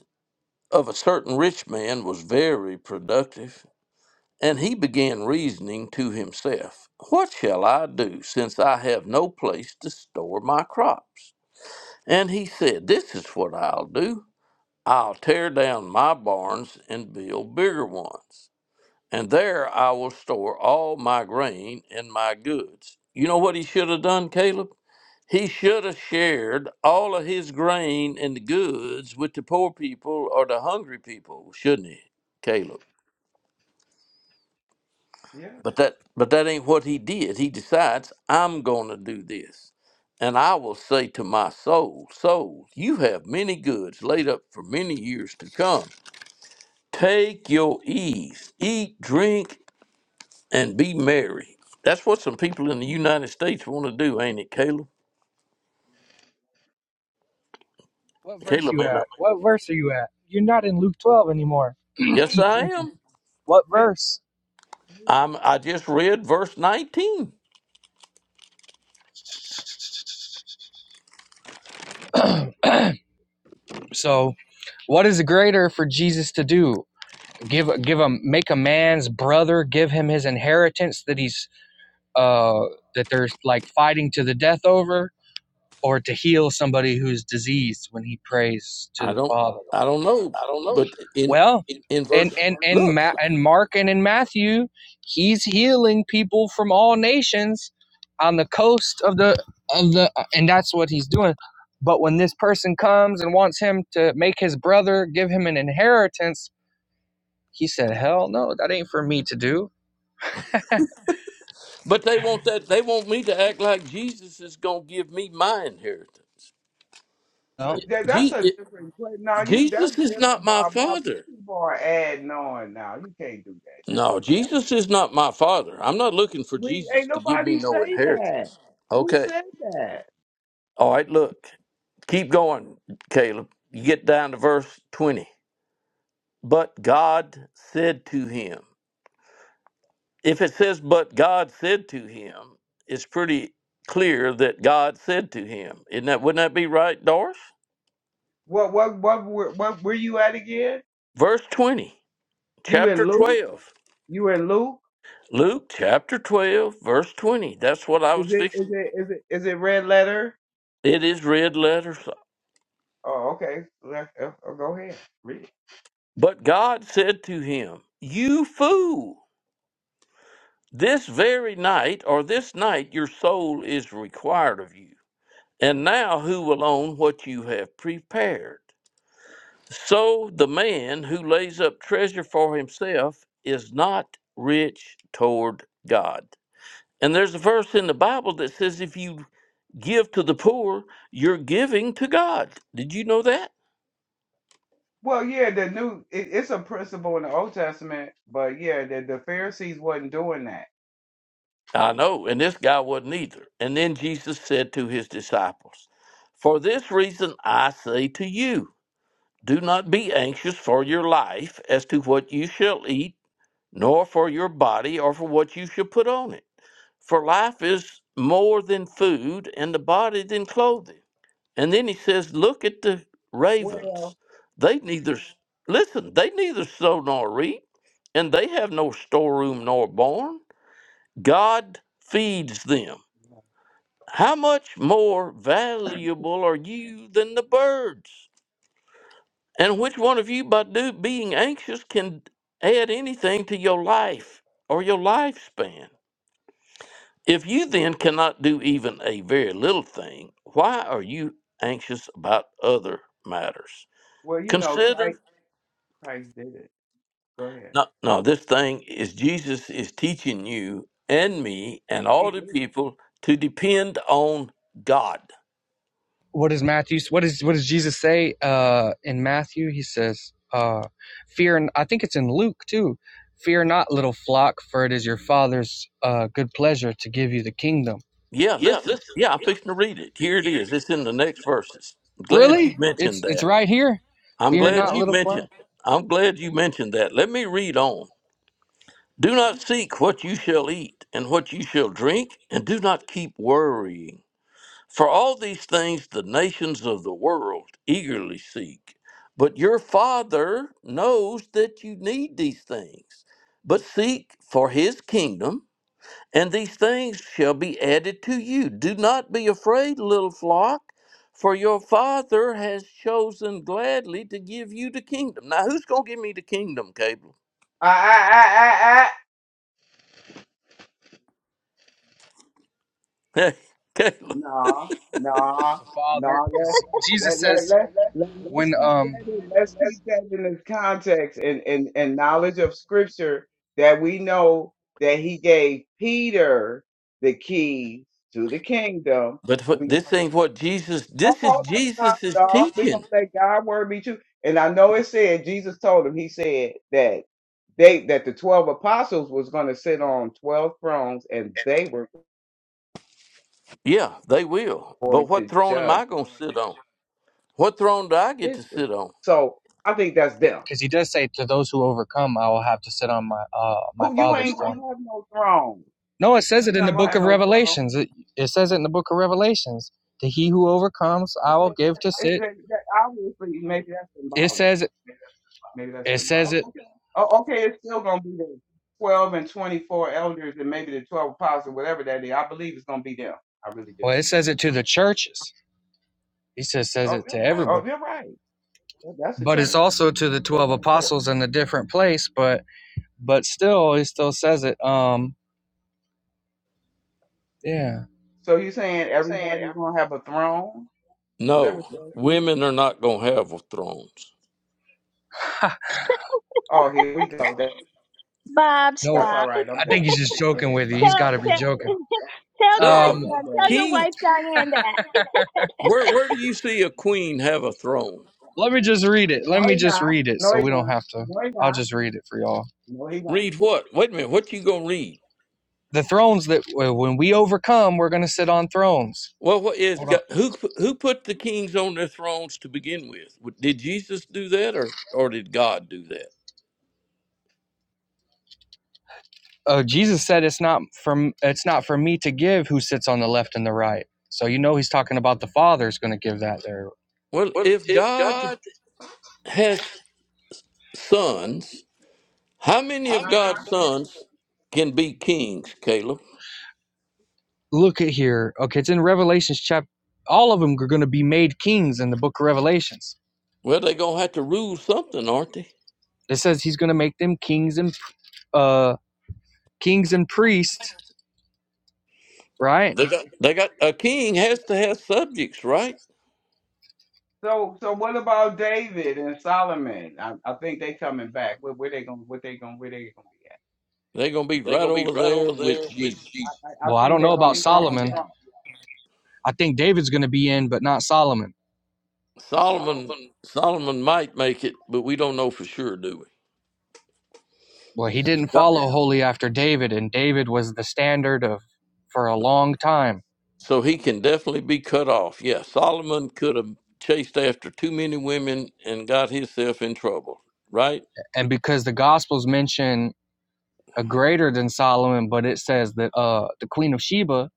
S1: of a certain rich man was very productive. And he began reasoning to himself, What shall I do, since I have no place to store my crops? And he said, This is what I'll do. I'll tear down my barns and build bigger ones, and there I will store all my grain and my goods. You know what he should have done, Caleb? He should have shared all of his grain and goods with the poor people or the hungry people, shouldn't he, Caleb?
S4: Yeah,
S1: But that but that ain't what he did. He decides, I'm gonna do this. And I will say to my soul, soul, you have many goods laid up for many years to come. Take your ease, eat, drink, and be merry. That's what some people in the United States want to do, ain't it, Caleb?
S6: What verse are
S1: Caleb,
S6: you
S1: man. I-
S6: at? What verse are you at? You're not in Luke 12 anymore.
S1: Yes,
S6: Eat
S1: I
S6: drinking.
S1: am.
S6: What verse?
S1: I'm I just read verse 19.
S6: so, what is greater for Jesus to do? Give give him make a man's brother give him his inheritance that he's uh that they're like fighting to the death over or to heal somebody who's diseased when he prays to
S1: I
S6: the
S1: don't
S6: Father.
S1: I don't know, but in
S6: Well,
S1: in
S6: and
S1: verse
S6: and and
S1: look.
S6: Ma- and Mark and in Matthew, he's healing people from all nations on the coast of the of the and that's what he's doing. But when this person comes and wants him to make his brother give him an inheritance, he said, "Hell no, that ain't for me to do."
S1: But they want that. They want me to act like Jesus is gonna give me my inheritance.
S6: No.
S4: That- that's
S1: Je-
S4: a
S1: eh,
S4: different. que- No, you that's
S1: Jesus is not
S4: different,
S1: my
S4: Bob. Bob, you
S1: father.
S4: people are adding on now. You can't do that now.
S1: No,
S4: That's
S1: Jesus is not my father. I'm not looking for
S4: a- we
S1: Jesus
S4: ain't
S1: to give me
S4: nobody
S1: no
S4: say
S1: inheritance.
S4: that. Who
S1: Okay.
S4: said that?
S1: All right. Look. Keep going, Caleb. You get down to verse twenty. But God said to him. If it says, "But God said to him," it's pretty clear that God said to him. Isn't that? Wouldn't that be right, Doris?
S4: What what what were- what were you at again?
S1: Verse twenty.
S4: You
S1: chapter
S4: and Luke?
S1: 12.
S4: You and Luke?
S1: Luke chapter 12, verse 20. That's what I
S4: Is
S1: was
S4: it is
S1: fixing.
S4: it is it is it red letter?
S1: It is red letters.
S4: Oh, okay. Let- uh, uh, go ahead. Read it.
S1: But God said to him, You fool, this very night or this night your soul is required of you. And now who will own what you have prepared? So the man who lays up treasure for himself is not rich toward God. And there's a verse in the Bible that says if you give to the poor, you're giving to God. Did you know that?
S4: Well, yeah, the new it, it's a principle in the Old Testament, but yeah, the, the Pharisees wasn't doing that.
S1: I know, and this guy wasn't either. And then Jesus said to his disciples, For this reason I say to you, do not be anxious for your life as to what you shall eat, nor for your body or for what you shall put on it. For life is more than food, and the body than clothing. And then he says, Look at the ravens.
S4: Well,
S1: They neither, listen, they neither sow nor reap, and they have no storeroom nor barn. God feeds them. How much more valuable are you than the birds? And which one of you, by do, being anxious, can add anything to your life or your lifespan? If you then cannot do even a very little thing, why are you anxious about other matters?
S4: well, you know, Christ
S1: Consider,
S4: Christ did it. Go ahead.
S1: no, no, this thing is Jesus is teaching you and me and
S4: He
S1: all the
S4: did it.
S1: people to depend on God.
S6: what does Matthew what is what does Jesus say uh in Matthew he says uh fear I think it's in Luke too fear not little flock for it is your father's uh good pleasure to give you the kingdom
S1: Yeah, listen. Yeah, I'm fixing to read it. Here it is. It's in the next verses. I'm glad you
S6: really it's
S1: mentioned
S6: it's
S1: that.
S6: right here
S1: I'm
S6: fear
S1: glad
S6: not
S1: you
S6: little flock
S1: mentioned. I'm glad you mentioned that. Let me read on. Do not seek what you shall eat and what you shall drink, and do not keep worrying. For all these things the nations of the world eagerly seek, but your Father knows that you need these things. But seek for his kingdom, and these things shall be added to you. Do not be afraid, little flock, for your Father has chosen gladly to give you the kingdom. Now, who's going to give me the kingdom, Caleb?
S4: I I I I I
S1: Caleb.
S4: Nah, nah,
S6: the father
S4: nah. Let
S6: cuz Jesus
S4: let let
S6: says
S4: let let let's
S6: when
S4: keep
S6: um
S4: that in. Let's keep that in its context and and and knowledge of Scripture that we know that He gave Peter the keys to the kingdom.
S1: But wh-
S4: We
S1: this ain't what Jesus,
S4: hold
S1: this is
S4: hold up,
S1: Jesus'
S4: now, dog. We
S1: teaching.
S4: gonna say God word be true. And I know it said Jesus told him. He said that they that the twelve apostles was gonna sit on twelve thrones and they were
S1: Yeah, they will. But
S4: going to
S1: what throne am
S4: judge.
S1: I going to sit on? What throne do I get to
S4: Israel.
S1: sit on?
S4: So I think that's them.
S6: cuz he does say to those who overcome I will have to sit on my uh my
S4: Who you
S6: father's
S4: ain't gonna
S6: throne
S4: have no throne.
S6: no it says it
S4: You're
S6: in the
S4: not gonna
S6: book
S4: have
S6: of
S4: no throne.
S6: revelations it, it says it in the book of revelations to he who overcomes I will give to
S4: It-
S6: sit
S4: it- that- obviously, maybe that's
S6: it
S4: symbolic.
S6: says
S4: Maybe that's
S6: it says
S4: symbolic.
S6: it
S4: Oh, okay, it's still gonna be the twelve and twenty-four elders, and maybe the twelve apostles, whatever that is. I believe it's gonna be them. I really do.
S6: well it says it to the churches he says says it to
S4: Oh,
S6: everybody
S4: you're right. That- That's the
S6: but it's
S4: church.
S6: also to the 12
S4: Okay, So,
S6: apostles in a different place but but still he still says it um yeah
S4: so you're saying everybody's gonna have a throne? Is that what
S1: No,
S4: you're saying?
S1: women are not going to have thrones.
S4: Oh, here we go. That,
S3: Bob,
S6: no
S4: that's all
S3: stop.
S4: right. I'm
S6: i think
S4: done.
S6: he's just
S4: Hey, Go
S6: joking
S4: ahead.
S6: with you
S4: Bye.
S6: he's got
S3: Tell
S6: to be
S3: tell
S6: joking
S3: tell
S4: Yeah,
S1: No,
S6: um
S4: I'm
S3: Diane.
S4: done.
S3: Tell your
S1: king.
S3: wife
S4: I'm
S3: Diane that.
S4: done.
S1: Where where do you see a queen have a throne?
S6: let me just read it let
S4: No,
S6: me
S4: he
S6: just
S4: not.
S6: read it
S4: No,
S6: so
S4: he
S6: we don't
S4: not.
S6: have to
S4: No, he
S6: i'll
S4: not.
S6: just read it for y'all
S4: No, he not.
S1: Read what? Wait a minute. What you gonna read?
S6: the thrones that when we overcome we're going to sit on thrones
S1: Well, what is
S6: Hold on.
S1: God, who who put the kings on their thrones to begin with? Did Jesus do that, or or did God do that?
S6: uh, Jesus said it's not from it's not for me to give who sits on the left and the right. So you know he's talking about the Father's going to give that there.
S1: Well, if God has sons, how many of
S4: Uh-uh.
S1: God's sons can be kings, Caleb?
S6: Look at here. Okay, it's in Revelations chapter. All of them are going to be made kings in the book of Revelations.
S1: Well, they're gonna have to rule something, aren't they?
S6: It says he's going to make them kings and uh, kings and priests, right?
S1: They got they got a king has to have subjects, right?
S4: So, so what about David and Solomon? I, I think they coming back. Where, where they gonna? What they gonna? Where they gonna be
S1: They're gonna be right over there with Jesus.
S4: at? I, I
S6: Well, I
S4: think
S6: don't know
S4: they
S6: about
S4: gonna trump
S6: Solomon.
S4: y'all.
S6: I think David's going to be in, but not Solomon.
S1: Solomon Solomon might make it, but we don't know for sure, do we?
S6: Well, he didn't
S1: Yeah.
S6: follow
S4: Well,
S6: wholly after David, and David was the standard of for a long time.
S1: So he can definitely be cut off. Yeah, Solomon could have chased after too many women and got himself in trouble, right?
S6: And because the Gospels mention a greater than Solomon, but it says that uh the Queen of Sheba,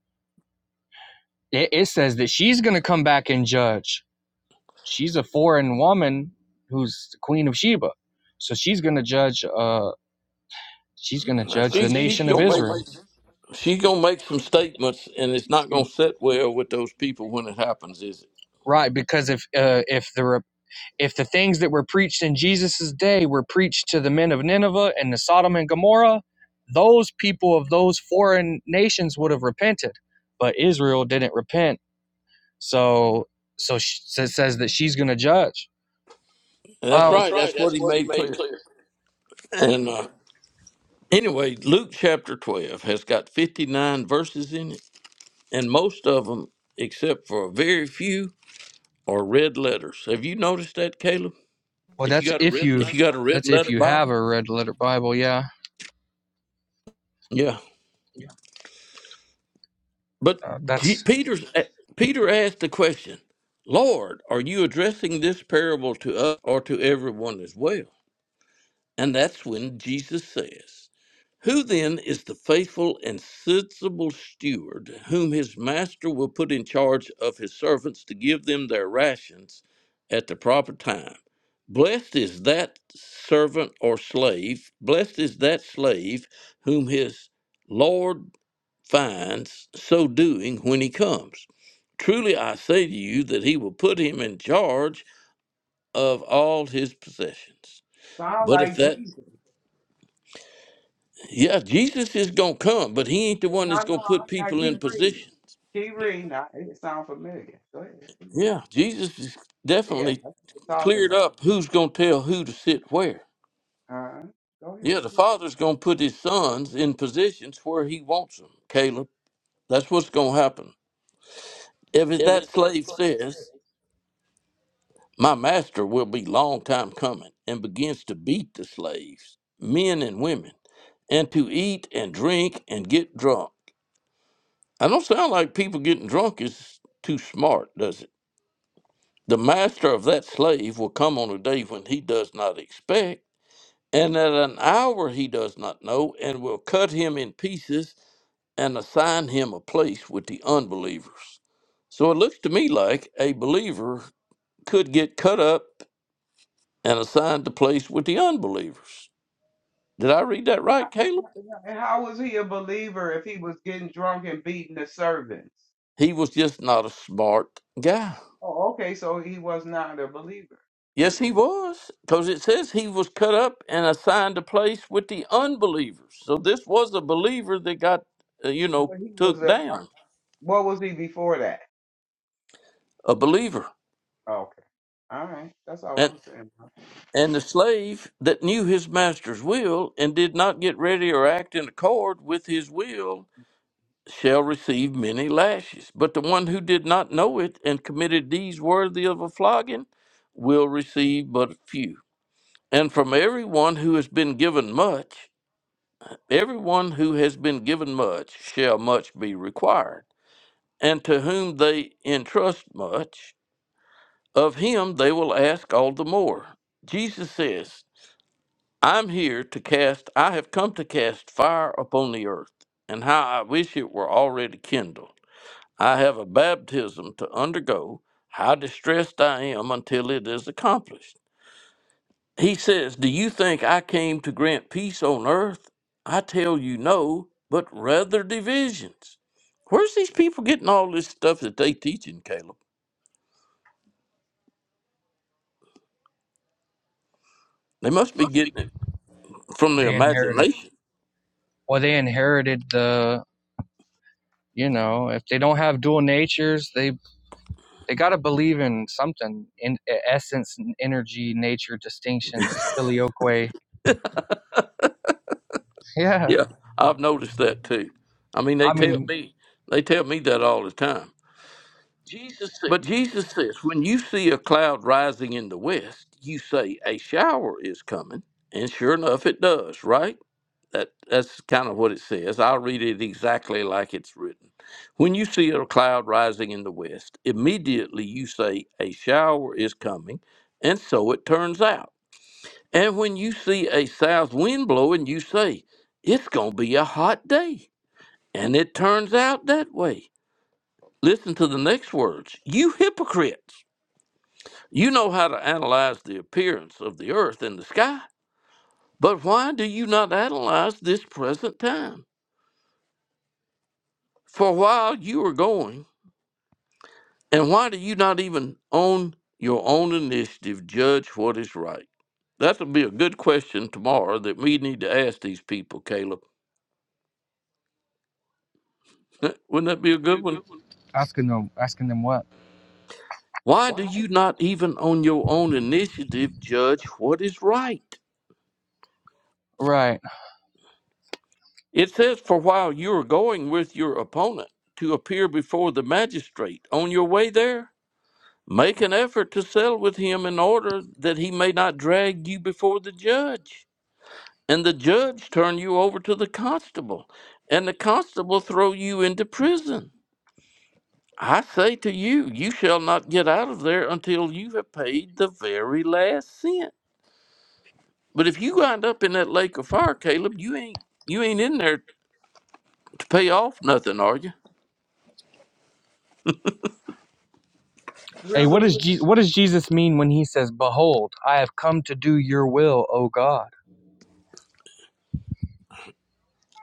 S6: it, it says that she's gonna come back and judge. She's a foreign woman who's the Queen of Sheba. So she's gonna judge uh she's gonna
S1: Now,
S6: judge the
S1: She she's
S6: nation of
S1: gonna make
S6: Israel.
S1: she's gonna make some statements, and it's not gonna sit well with those people when it happens, is it?
S6: Right, because if uh, if the if the things that were preached in Jesus' day were preached to the men of Nineveh and the Sodom and Gomorrah, those people of those foreign nations would have repented, but Israel didn't repent So so she says that she's going to judge.
S1: And that's
S6: Um,
S1: right. That's what he made clear. And uh, Anyway, Luke chapter 12 has got 59 verses in it, and most of them, except for a very few, are red letters. Have you noticed that, Caleb?
S6: well, that's you if you
S1: If you got a red
S6: that's if
S1: letter
S6: you have
S1: Bible?
S6: a red letter Bible. Yeah,
S1: Yeah.
S6: uh,
S1: But G-
S6: that's
S1: Peter's, Peter asked the question, Lord, are you addressing this parable to us or to everyone as well? And that's when Jesus says, Who then is the faithful and sensible steward whom his master will put in charge of his servants to give them their rations at the proper time? Blessed is that servant or slave, blessed is that slave whom his Lord finds so doing when he comes. Truly I say to you that he will put him in charge of all his possessions.
S4: sound
S1: But if
S4: like
S1: that
S4: Jesus.
S1: Yeah, Jesus is gonna come, but he ain't the one
S4: No,
S1: that's
S4: no.
S1: gonna put
S4: Now
S1: people in
S4: keep reading.
S1: position.
S4: Keep reading. Now, it sound familiar. Go ahead. keep reading.
S1: Yeah, Jesus is
S4: Yeah,
S1: definitely
S4: that's what we're talking
S1: cleared
S4: about.
S1: up who's gonna tell who to sit where.
S4: Uh-huh. Go ahead,
S1: Yeah, the
S4: read.
S1: father's gonna put his sons in positions where he wants them, Caleb. That's what's gonna happen. If that slave says, My master will be long time coming, and begins to beat the slaves, men and women, and to eat and drink and get drunk. I don't sound like people getting drunk is too smart, does it? The master of that slave will come on a day when he does not expect, and at an hour he does not know, and will cut him in pieces and assign him a place with the unbelievers. So it looks to me like a believer could get cut up and assigned a place with the unbelievers. Did I read that right, Caleb?
S4: And how was he a believer if he was getting drunk and beating the servants?
S1: He was just not a smart guy.
S4: Oh, okay. So he was not a believer,
S1: Yes, he
S4: but
S1: was, because it says he was cut up and assigned a place with the unbelievers. So this was a believer that got, uh, you know,
S4: he was
S1: took
S4: a. uh,
S1: down,
S4: What was he before that?
S1: a believer,
S4: Okay. All right. That's all
S1: and
S4: I'm saying.
S1: and the slave that knew his master's will and did not get ready or act in accord with his will shall receive many lashes. But the one who did not know it and committed deeds worthy of a flogging will receive but few. And from everyone who has been given much. Everyone who has been given much shall much be required, and to whom they entrust much, of him they will ask all the more. Jesus says, I'm here to cast, I have come to cast fire upon the earth, and how I wish it were already kindled. I have a baptism to undergo, how distressed I am until it is accomplished. He says, Do you think I came to grant peace on earth? I tell you no, but rather divisions. Where's these people getting all this stuff that they teaching, Caleb? They must be getting it from their
S6: they inherited.
S1: imagination.
S6: Well, they inherited the you know if they don't have dual natures, they they got to believe in something in e, essence, energy, nature distinctions, filioque. Yeah,
S1: Yeah. I've noticed that too. I mean they
S6: I
S1: tell
S6: mean
S1: me they tell me that all the time. But Jesus says, When you see a cloud rising in the west, you say a shower is coming, and sure enough it does, right? That that's kind of what it says. I'll read it exactly like it's written. When you see a cloud rising in the west, immediately you say a shower is coming, and so it turns out. And when you see a south wind blowing, you say it's going to be a hot day, and it turns out that way. Listen to the next words. You hypocrites. You know how to analyze the appearance of the earth and the sky, but why do you not analyze this present time? For a while you were going, and why do you not even on your own initiative judge what is right? That'll be a good question tomorrow that we need to ask these people, Caleb. Wouldn't that be a good one?
S6: asking them asking them what?
S1: Why do
S4: I
S1: you not even on your own initiative judge what is right?
S6: Right.
S1: It says, For while you are going with your opponent to appear before the magistrate, on your way there, make an effort to settle with him in order that he may not drag you before the judge. and the judge turn you over to the constable and the constable throw you into prison i say to you you shall not get out of there until you have paid the very last cent but if you wind up in that lake of fire caleb you ain't you ain't in there to pay off nothing are you
S6: Hey, what does
S4: really?
S6: Je- what does Jesus mean when he says, "Behold, I have come to do your will, O God"?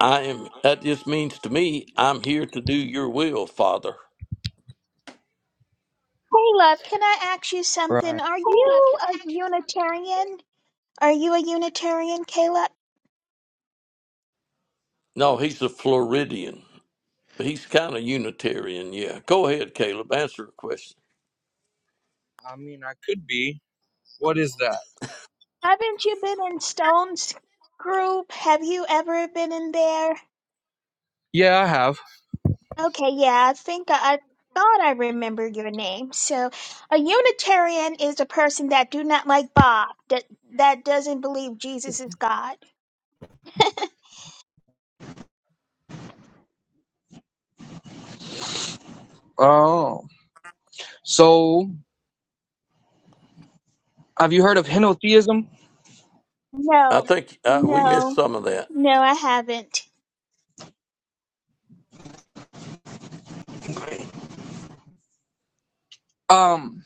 S1: i am that just means to me i'm here to do your will father
S3: Hey, love. Can I ask you something?
S6: Right.
S3: Are you a Unitarian? Are you a Unitarian, Caleb?
S1: no he's a floridian he's kind of unitarian yeah go ahead caleb answer a question
S6: I mean, I could be. What is that?
S3: Haven't you been in Stone's group? Have you ever been in there?
S6: Yeah, I have.
S3: Okay, yeah, I think I, I thought I remember your name. So, a Unitarian is a person that do not like Bob, that that doesn't believe Jesus is God.
S6: Oh, so have you heard of henotheism?
S1: i
S3: No,
S1: think uh, we missed
S3: no,
S1: some of that
S3: no, I haven't.
S6: Um,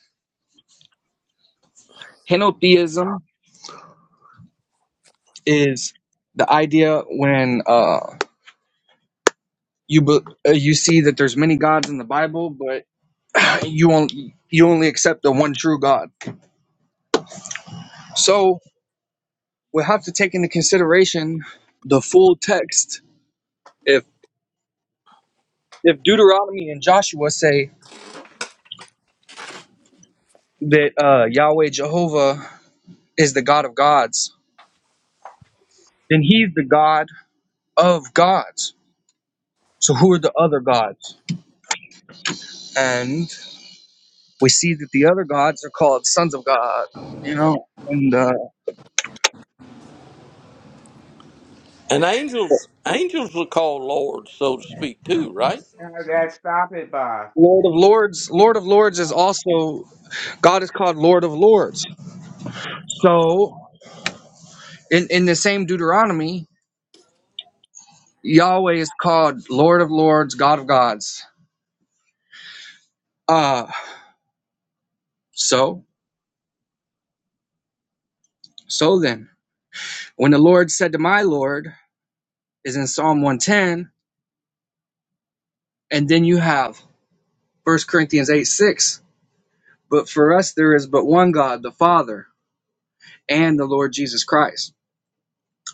S6: henotheism is the idea when uh you be- uh, you see that there's many gods in the Bible, but you only you only accept the one true God. So we will have to take into consideration the full text if. if Deuteronomy and Joshua say that uh, Yahweh Jehovah is the God of gods, then he's the God of gods. So who are the other gods? And we see that the other gods are called sons of God, you know, and uh,
S1: And angels angels are called lords, so to speak, too, right?
S4: Uh, that stop it, Bob.
S6: Lord of Lords. Lord of Lords is also God is called Lord of Lords. So in in the same Deuteronomy, Yahweh is called Lord of Lords, God of gods. Uh so so then. When the Lord said to my Lord is in Psalm 110, and then you have First Corinthians 8 6. But for us there is but one God, the Father, and the Lord Jesus Christ.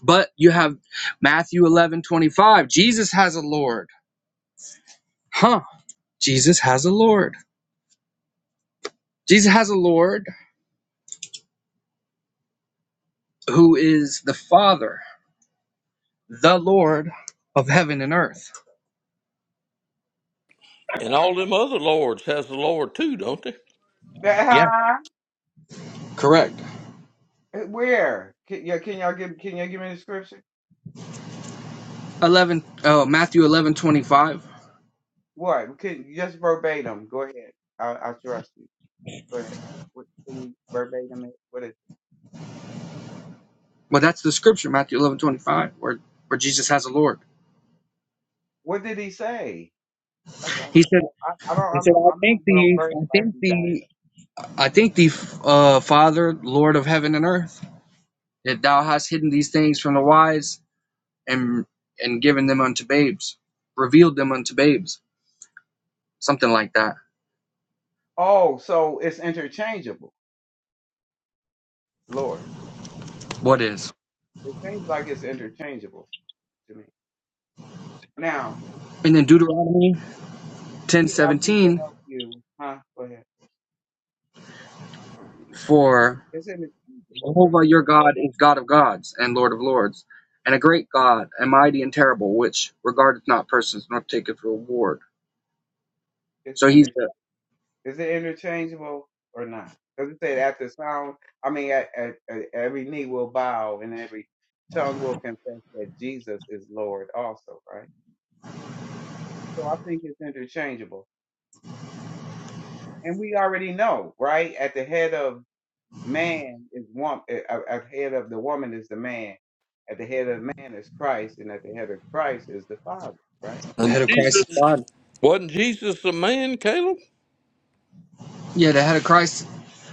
S6: But you have Matthew 11 25. Jesus has a Lord. Huh. Jesus has a Lord. Jesus has a Lord who is the Father, the Lord of heaven and earth.
S1: And all them other lords has the Lord too, don't they?
S4: That,
S6: Yeah,
S4: huh?
S6: correct.
S4: Uh, Where? Can, yeah, can y'all give? Can y'all give me the scripture?
S6: 11 oh, Matthew 11 25.
S4: What? Can just verbatim? Go ahead. I, I trust you. Go ahead. What can you verbatim? it? What is?
S6: Well, that's the scripture, Matthew 11 25, where, where Jesus has a Lord.
S4: What did he say? That's all.
S6: He said,
S4: I, I don't.
S6: he
S4: I'm
S6: said,
S4: not.
S6: I
S4: I'm not
S6: think
S4: well
S6: the,
S4: versed
S6: I
S4: like
S6: think
S4: you guys.
S6: the, I think the uh, Father, Lord of heaven and earth, that thou hast hidden these things from the wise and and given them unto babes, revealed them unto babes, something like that.
S4: Oh, so it's interchangeable. Lord.
S6: What is?
S4: It seems like it's interchangeable to me. Now,
S6: And then Deuteronomy ten
S4: yeah, I want to
S6: seventeen,
S4: help you. Huh? Go ahead.
S6: for
S4: It's interchangeable, right?
S6: Jehovah your God is God of gods and Lord of lords, and a great God, and mighty and terrible, which regardeth not persons nor taketh reward.
S4: It's
S6: So he's
S4: inter-
S6: the,
S4: Is it interchangeable or not? Because it said at the sound, I mean, at, at, at every knee will bow and every tongue will confess that Jesus is Lord also, right? So I think it's interchangeable. And we already know, right? At the head of man is one at, at head of the woman is the man at the head of the man is christ and at the head of christ is the father right
S6: the
S1: And
S6: head of Christ is
S1: Jesus
S6: God.
S1: wasn't Jesus a man, Caleb?
S6: Yeah, the head of Christ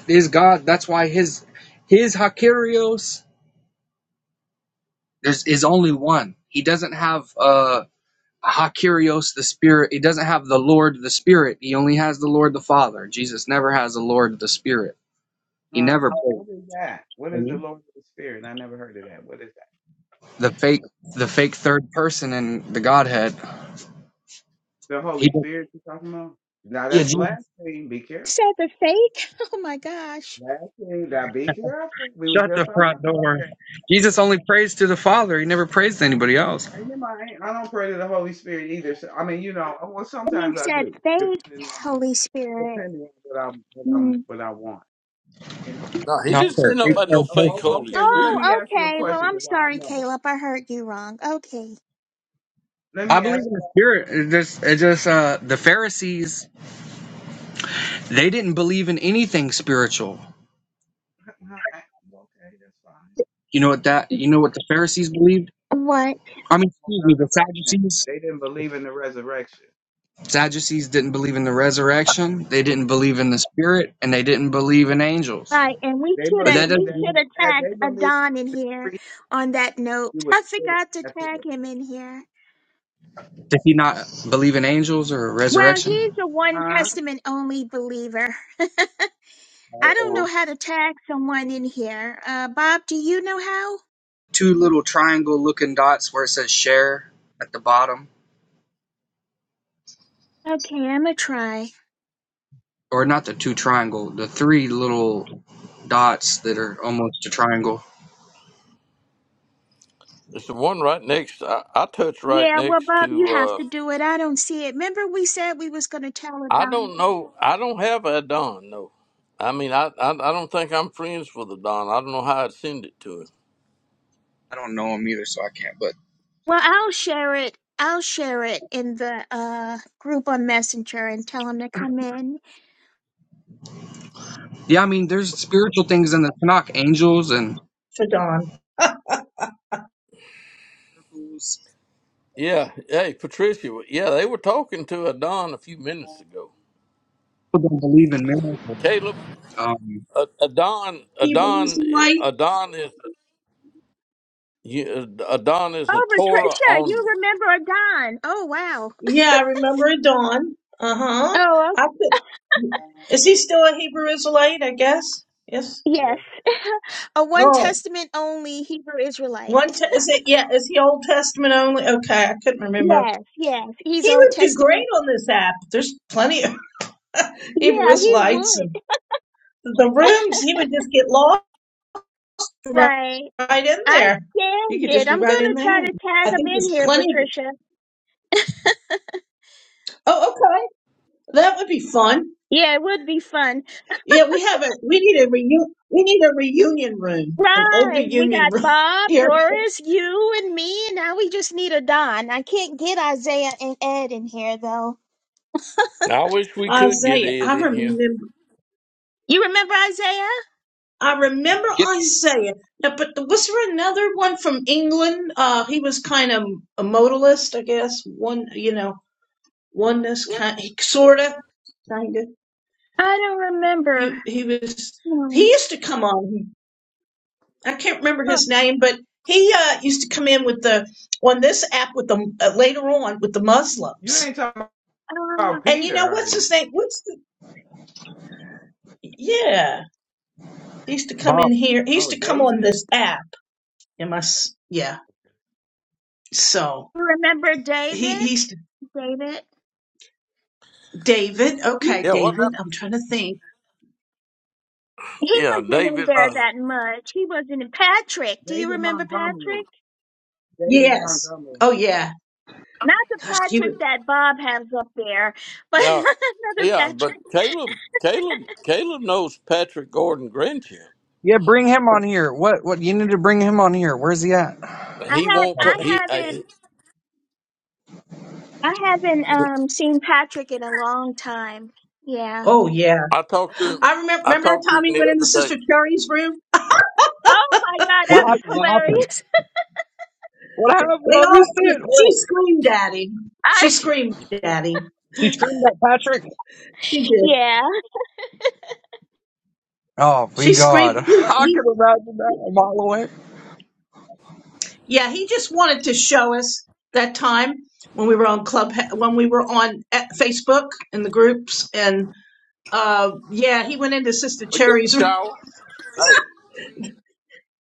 S6: His God, that's why his his Hakirios there's is only one. He doesn't have uh Hakirios the Spirit. He doesn't have the Lord the Spirit. He only has the Lord the Father. Jesus never has the Lord the Spirit. He
S4: huh
S6: never
S4: what is that what is the
S6: plays
S4: lord of the spirit i never heard of that what is that
S6: the fake the fake third person in the Godhead.
S4: the
S6: He
S4: holy spirit you are talking about now
S6: yeah,
S4: that's
S6: Jesus
S4: blasphemy be careful
S3: said the fake? Oh my gosh.
S4: blasphemy now be careful we was
S6: shut
S4: just
S6: the
S4: talking
S6: front
S4: about
S6: door.
S4: that
S6: Jesus
S4: I,
S6: only prays to the Father. He never prays to anybody else.
S4: ain't in my, I ain't- I don't pray to the Holy Spirit either. So, I mean, you know, well,
S3: He
S4: sometimes I
S3: said
S4: do,
S3: fake
S4: depending on
S3: Holy Spirit.
S4: depending on what I'm what I'm
S3: Mm.
S4: what I want.
S1: No, he
S6: Not
S1: didn't
S6: for
S1: say
S4: It-
S1: nothing
S4: it-
S6: fake
S1: about
S6: third
S1: no
S4: it- o-
S1: fake
S6: person.
S4: o-
S1: Holy
S4: okay, well, let
S1: Spirit.
S4: me
S3: Oh,
S4: ask you a
S3: okay. Well,
S4: question
S3: I'm
S4: because I don't
S3: sorry,
S4: know.
S3: Caleb. I heard you wrong. Okay.
S4: Let
S6: I
S4: me
S6: believe
S4: ask
S6: in
S4: you.
S6: the Spirit. It just it just uh the Pharisees They didn't believe in anything spiritual.
S4: how- Okay, that's fine.
S6: You know what that you know what the Pharisees believed?
S3: What?
S6: I mean,
S4: Oh,
S6: excuse me, the
S4: Resurrection.
S6: Sadducees.
S4: They didn't believe in the resurrection.
S6: Sadducees didn't believe in the resurrection. They didn't believe in the spirit, and they didn't believe in angels.
S3: Right, and we
S4: They
S3: should
S6: But
S3: have
S6: that
S4: believed
S6: doesn't.
S3: we
S4: that
S3: should
S6: mean,
S4: the-
S3: have
S4: that
S3: tagged
S4: they believed
S3: Adon in
S4: the
S3: here
S4: priest
S3: on that note.
S4: you was
S3: I
S4: dead.
S3: forgot to
S4: That's
S3: tag
S4: it.
S3: him in here.
S6: Did he not believe in angels or
S3: Well, he's
S6: resurrection?
S3: a one
S4: Huh?
S3: testament only believer. I don't know
S6: Or
S3: how to tag someone in here. Uh Bob, do you know how?
S6: two little triangle-looking dots where it says "share" at the bottom,
S3: Okay, I'm gonna try.
S6: or not the two triangle, the three little dots that are almost a triangle.
S1: It's the one right next. I, I touch right
S3: Yeah, well
S1: next
S3: Bob, you
S1: to.
S3: have
S1: uh
S3: to do it. I don't see it. Remember we said we was gonna tell
S1: I
S3: Adon.
S1: don't know. I don't have a Don. No, I mean I, I. I don't think I'm friends with a Don. I don't know how I'd send it to him.
S6: I don't know them either, so I can't. But
S3: Well, I'll share it. I'll share it in the uh group on Messenger and tell him to come in.
S6: Yeah, I mean, there's spiritual things in the Tanakh, angels and
S7: For Dawn.
S6: miracles.
S1: Yeah. Hey, Patricia. Yeah, they were talking to a Don a few minutes ago.
S6: People don't believe in miracles.
S1: Caleb.
S6: Um,
S1: A- Adon,
S7: People
S1: Adon,
S7: losing light?
S1: Adon is you- Adon is a
S3: Oh,
S1: Torah
S3: Patricia, you
S1: only.
S3: remember a Don. Oh, wow.
S7: Yeah, I remember a Dawn. Uh huh.
S3: Oh,
S7: I could. Is he still a Hebrew Israelite? I guess. Yes.
S3: yes.
S4: Yeah.
S3: a One
S7: Oh,
S3: Testament only Hebrew Israelite.
S7: one. Te- is it? Yeah. Is he Old Testament only? Okay, I couldn't remember.
S3: Yes, yes. He's
S7: He
S3: Old
S7: would do great
S3: Testament.
S7: on this app. There's plenty. He
S3: Yeah,
S7: was
S3: he would.
S7: and the rooms. He would just get lost right,
S3: Right.
S7: right in
S3: I
S7: there. You
S3: scanned
S7: could
S3: it.
S7: just be
S3: I'm going
S7: right in
S3: to try
S7: there.
S3: to
S7: I
S3: tag him
S7: think
S3: in
S7: there's
S3: here,
S7: plenty.
S3: Patricia.
S7: Oh, okay, that would be fun.
S3: Yeah, it would be fun.
S7: Yeah, we have a. We need a reu. We need a reunion room, an old
S3: Right. We
S7: reunion
S3: got
S7: room
S3: Bob,
S7: here.
S3: Doris, you, and me. Now we just need a Don. I can't get Isaiah and Ed in here, though.
S1: I wish we could get
S7: Isaiah, I
S1: Ed in here.
S7: remember.
S3: You remember Isaiah?
S7: I remember
S6: get
S7: Isaiah. Now, but the, was there another one from England? Uh, he was kind of a modalist, I guess. One, you know, oneness kind, sort of kind of,
S3: I don't remember.
S7: he he was
S3: Hmm.
S7: he used to come on i can't remember
S3: Oh,
S7: his name but he uh, used to come in with the on this app with the uh, later on with the
S4: You
S7: muslims
S4: ain't talking
S3: uh,
S4: about
S7: and you know
S4: Peter, are
S7: what's
S4: you?
S7: his name what's the yeah he used to come in
S6: Bob.
S7: here he used
S4: Oh,
S7: to come on
S4: David.
S7: this app Am my yeah so
S3: you remember
S7: he
S3: David?
S7: he's
S3: David?
S7: david okay
S1: Yeah, what
S7: david
S1: happened?
S7: i'm trying to think
S3: He
S1: Yeah,
S3: wasn't in
S1: David.
S3: there
S1: Uh,
S3: that much. He wasn't in Patrick. Do you
S4: David
S3: remember Patrick?
S4: Montgomery. David
S7: yes
S4: Montgomery.
S7: oh yeah
S3: Not the
S7: gosh he was
S3: Patrick that Bob has up there, but
S1: yeah,
S3: another
S1: yeah, but
S3: Patrick.
S1: Caleb, Caleb, Caleb knows Patrick Gordon Grinchell.
S6: Yeah, bring him on here. What? What? You need to bring him on here. Where's he at?
S3: I
S1: He
S3: have
S1: won't.
S6: What
S3: I
S1: Co-
S6: happened?
S1: he,
S3: haven't
S1: I,
S3: I haven't um seen Patrick in a long time. Yeah.
S7: oh yeah
S1: I talked to him.
S7: i remember
S1: I
S7: remember that
S1: talked to him
S7: time he went
S1: the
S7: into
S1: other day.
S7: sister cherry's room
S3: Oh my god,
S6: What
S3: that was
S6: happened?
S3: hilarious.
S6: What happened?
S7: They
S6: I
S7: all,
S6: missed it.
S7: sc- she
S6: What?
S7: screamed at him.
S3: I,
S7: She screamed at him.
S6: She screamed at Patrick.
S7: She did.
S3: yeah.
S6: Oh, we
S7: She
S6: God.
S7: screamed. He,
S6: I
S7: he,
S6: can imagine that a mile away.
S7: yeah, he just wanted to show us that time when we were on club, when we were on eh, Facebook and the groups. And, uh, yeah, he went into Sister
S1: We get in
S7: Cherry's
S1: the
S7: room.
S1: shower. Hey,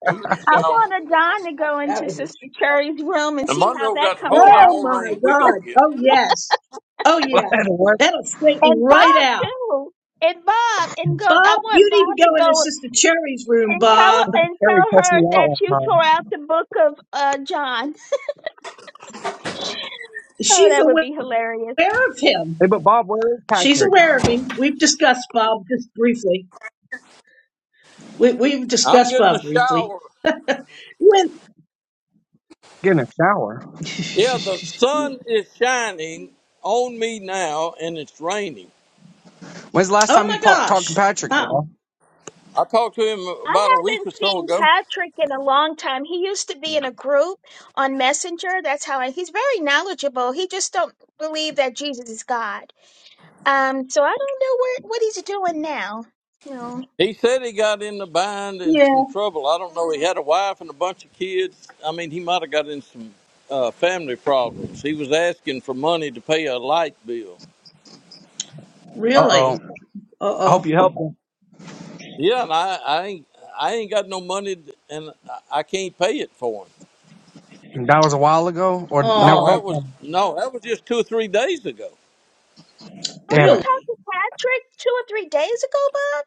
S1: we get in the
S3: I
S1: shower.
S3: wanted Don to go
S7: That
S3: into
S7: was,
S3: Sister Cherry's room and
S1: And
S3: see how
S1: Monroe
S3: that
S1: got a
S3: comes
S1: whole lot
S3: out.
S7: oh
S1: more
S7: my
S1: rain we gonna
S7: God.
S1: get.
S7: Oh yes. Oh
S6: Well,
S7: yeah.
S6: I
S7: That'll straighten him
S3: And Bob
S7: right out.
S3: too. And Bob and go I
S7: Bob,
S3: want
S7: you
S3: Bob
S7: need to
S3: to
S7: go into
S3: go
S7: Sister Cherry's room,
S3: and tell
S7: Bob.
S3: and
S6: Terry
S3: tell
S6: cussed
S3: her
S6: me out
S3: that
S6: one
S3: you tore
S6: time.
S3: out the book of uh John. Oh,
S7: She's
S3: that would
S7: aware
S3: be hilarious.
S7: of him.
S6: Hey, but Bob, where is
S7: She's
S6: Patrick?
S7: aware of him. We've discussed Bob just briefly. We, we've
S1: I'm
S7: discussed
S1: getting a
S7: Bob briefly.
S1: shower.
S7: When?
S6: Getting a shower.
S1: Yeah, the sun is shining on me now, and it's raining.
S6: When's the last
S7: oh
S6: time you
S7: my
S6: pa- talked to
S7: gosh!
S6: Patrick,
S7: Wow.
S6: y'all?
S1: I talked to him
S3: I
S1: about a week
S3: haven't
S1: or so
S3: seen
S1: ago.
S3: Patrick in a long time. He used to be in a group on Messenger. That's how I, he's very knowledgeable. He just don't believe that Jesus is God. Um, so I don't know where what he's doing now. No.
S1: He said he got in the bind and some
S7: Yeah.
S1: trouble. I don't know. He had a wife and a bunch of kids. I mean, he might have got in some uh, family problems. He was asking for money to pay a light bill.
S6: Uh oh.
S7: Really? Uh
S6: I hope
S7: oh.
S6: you helped him.
S1: Yeah, and I, I ain't, I ain't got no money, and I I can't pay it for him.
S6: That was a while ago, or no?
S1: No,
S7: Oh,
S1: that
S6: Don't
S1: was
S6: tell me.
S1: no, that was just two or three days ago.
S3: Oh,
S6: Damn
S3: you
S6: it.
S3: talked
S7: really?
S3: to Patrick two or three days ago, Bob?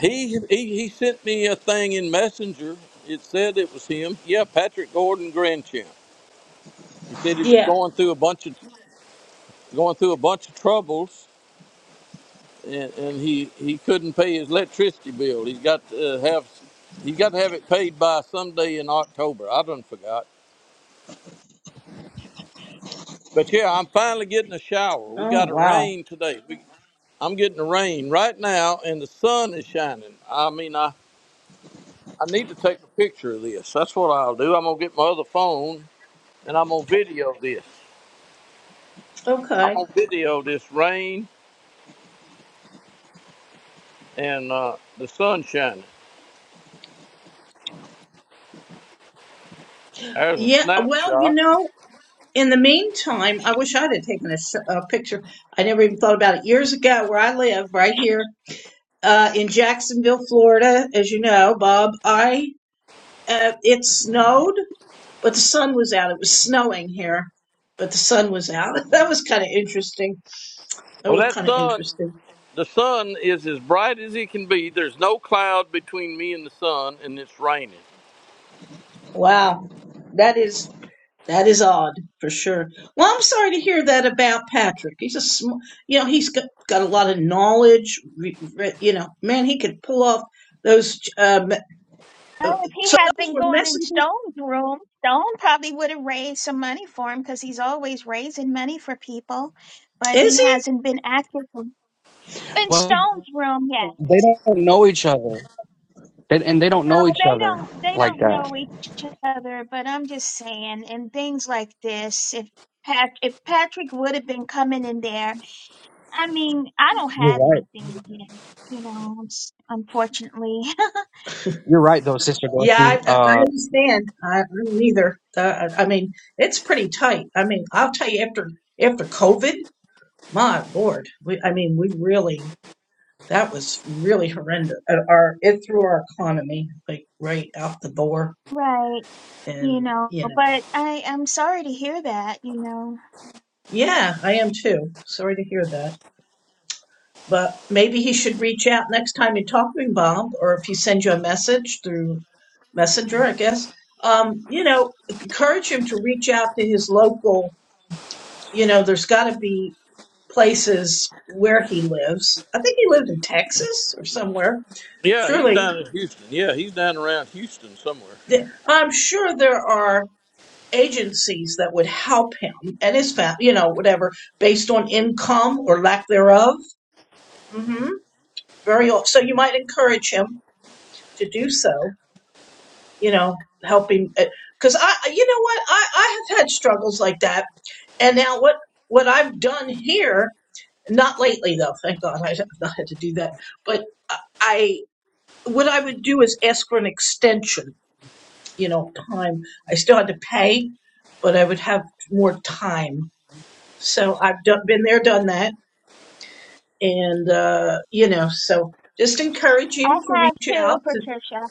S1: He, he he sent me a thing in Messenger. It said it was him. Yeah, Patrick Gordon Grandchamp. He said he was
S7: Yeah.
S1: going through a bunch of going through a bunch of troubles, and, and he he couldn't pay his electricity bill. He's got to have he's got to have it paid by someday in October. I done forgot. But yeah, I'm finally getting a shower. We
S7: Oh
S1: got a
S7: wow.
S1: rain today. We, I'm getting a rain right now, and the sun is shining. I mean, I I need to take a picture of this. That's what I'll do. I'm gonna get my other phone and I'm gonna video this. I'm
S7: Okay.
S1: gonna video this rain and uh, the sun shining. There's a
S7: Yeah. Well, you
S1: snapshot.
S7: know, in the meantime, I wish I'd have taken a, s- a picture. I never even thought about it years ago. Where I live, right here uh, in Jacksonville, Florida, as you know, Bob. I uh, it snowed but the sun was out. It was snowing here, but the sun was out. That was kind of interesting. That
S1: Well,
S7: was
S1: that
S7: kind of
S1: sun,
S7: interesting.
S1: the sun is as bright as it can be. There's no cloud between me and the sun, and it's raining.
S7: Wow, that is that is odd for sure. Well, I'm sorry to hear that about Patrick. He's a sm- you know he's got, got a lot of knowledge. Re, re, you know, man, he could pull off those. Um, uh,
S3: Oh, if he
S7: so
S3: had
S7: those
S3: been
S7: were
S3: going in
S7: messengers.
S3: Stone's room, Stone probably would have raised some money for him because he's always raising money for people. But he
S7: Is he?
S3: hasn't been active in in
S6: Well,
S3: Stone's room yet.
S6: they don't know each other, they, and they don't
S3: No,
S6: know each
S3: they
S6: other
S3: don't. They
S6: like
S3: don't
S6: that.
S3: know each other. But I'm just saying, in things like this, if Pat, if Patrick would have been coming in there, I mean, I don't
S6: You're
S3: have
S6: right.
S3: anything again. You know, it's- unfortunately,
S6: You're right, though, Sister
S7: Yeah, I,
S6: Dorothy.
S7: I I
S6: Uh,
S7: understand. I, I don't either. Uh, I I mean, it's pretty tight. I mean, I'll tell you after after COVID. my lord we i mean we really that was really horrendous Uh, our it threw our economy like right out the door
S3: right? You
S7: and
S3: know,
S7: you know
S3: but I I'm sorry to hear that. You know,
S7: yeah i am too sorry to hear that but maybe he should reach out next time you talk to him bob or if he sends you a message through messenger i guess um you know encourage him to reach out to his local you know there's got to be places where he lives i think he lived in texas or somewhere
S1: Yeah, he's
S7: surely
S1: down in Houston. Yeah, he's down around Houston somewhere.
S7: th- I'm sure there are agencies that would help him and his family, you know, whatever, based on income or lack thereof. hmm Very al- so you might encourage him to do so. You know, helping because I, you know what, I I have had struggles like that, and now what what I've done here, not lately though, thank God I have not had to do that, but I- what I would do is ask for an extension you know, time. I still had to pay, but I would have more time. So I've done, been there, done that. And, uh, you know, so just encourage
S3: I
S7: him to
S3: have
S7: reach
S3: too,
S7: out to,
S3: Patricia.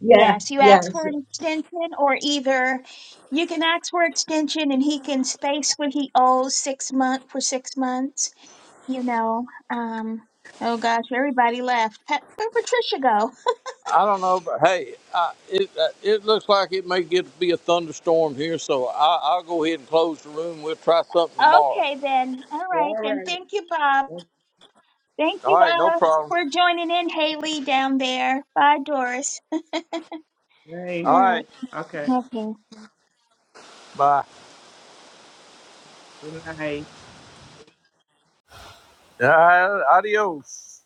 S7: yeah,
S3: Yes, you ask
S7: yes.
S3: for an extension, or either you can ask for extension and he can space what he owes six month for six months you know, um, oh gosh, everybody left. Pat, where'd Patricia go?
S1: I don't know, but hey, I, it uh, it looks like it may get to be a thunderstorm here, so I, I'll go ahead and close the room. We'll try something tomorrow.
S3: Okay, then. All right,
S4: All
S3: then.
S4: right.
S3: Thank you, Bob.
S4: Well,
S3: Thank
S1: All
S3: you,
S1: right, no
S3: uh,
S1: problem.
S3: for joining in, Haley, down there. Bye, Doris. All
S1: All
S4: Thanks.
S1: right,
S3: right.
S4: Okay.
S3: Okay.
S1: bye.
S4: Good night.
S1: Uh, adios.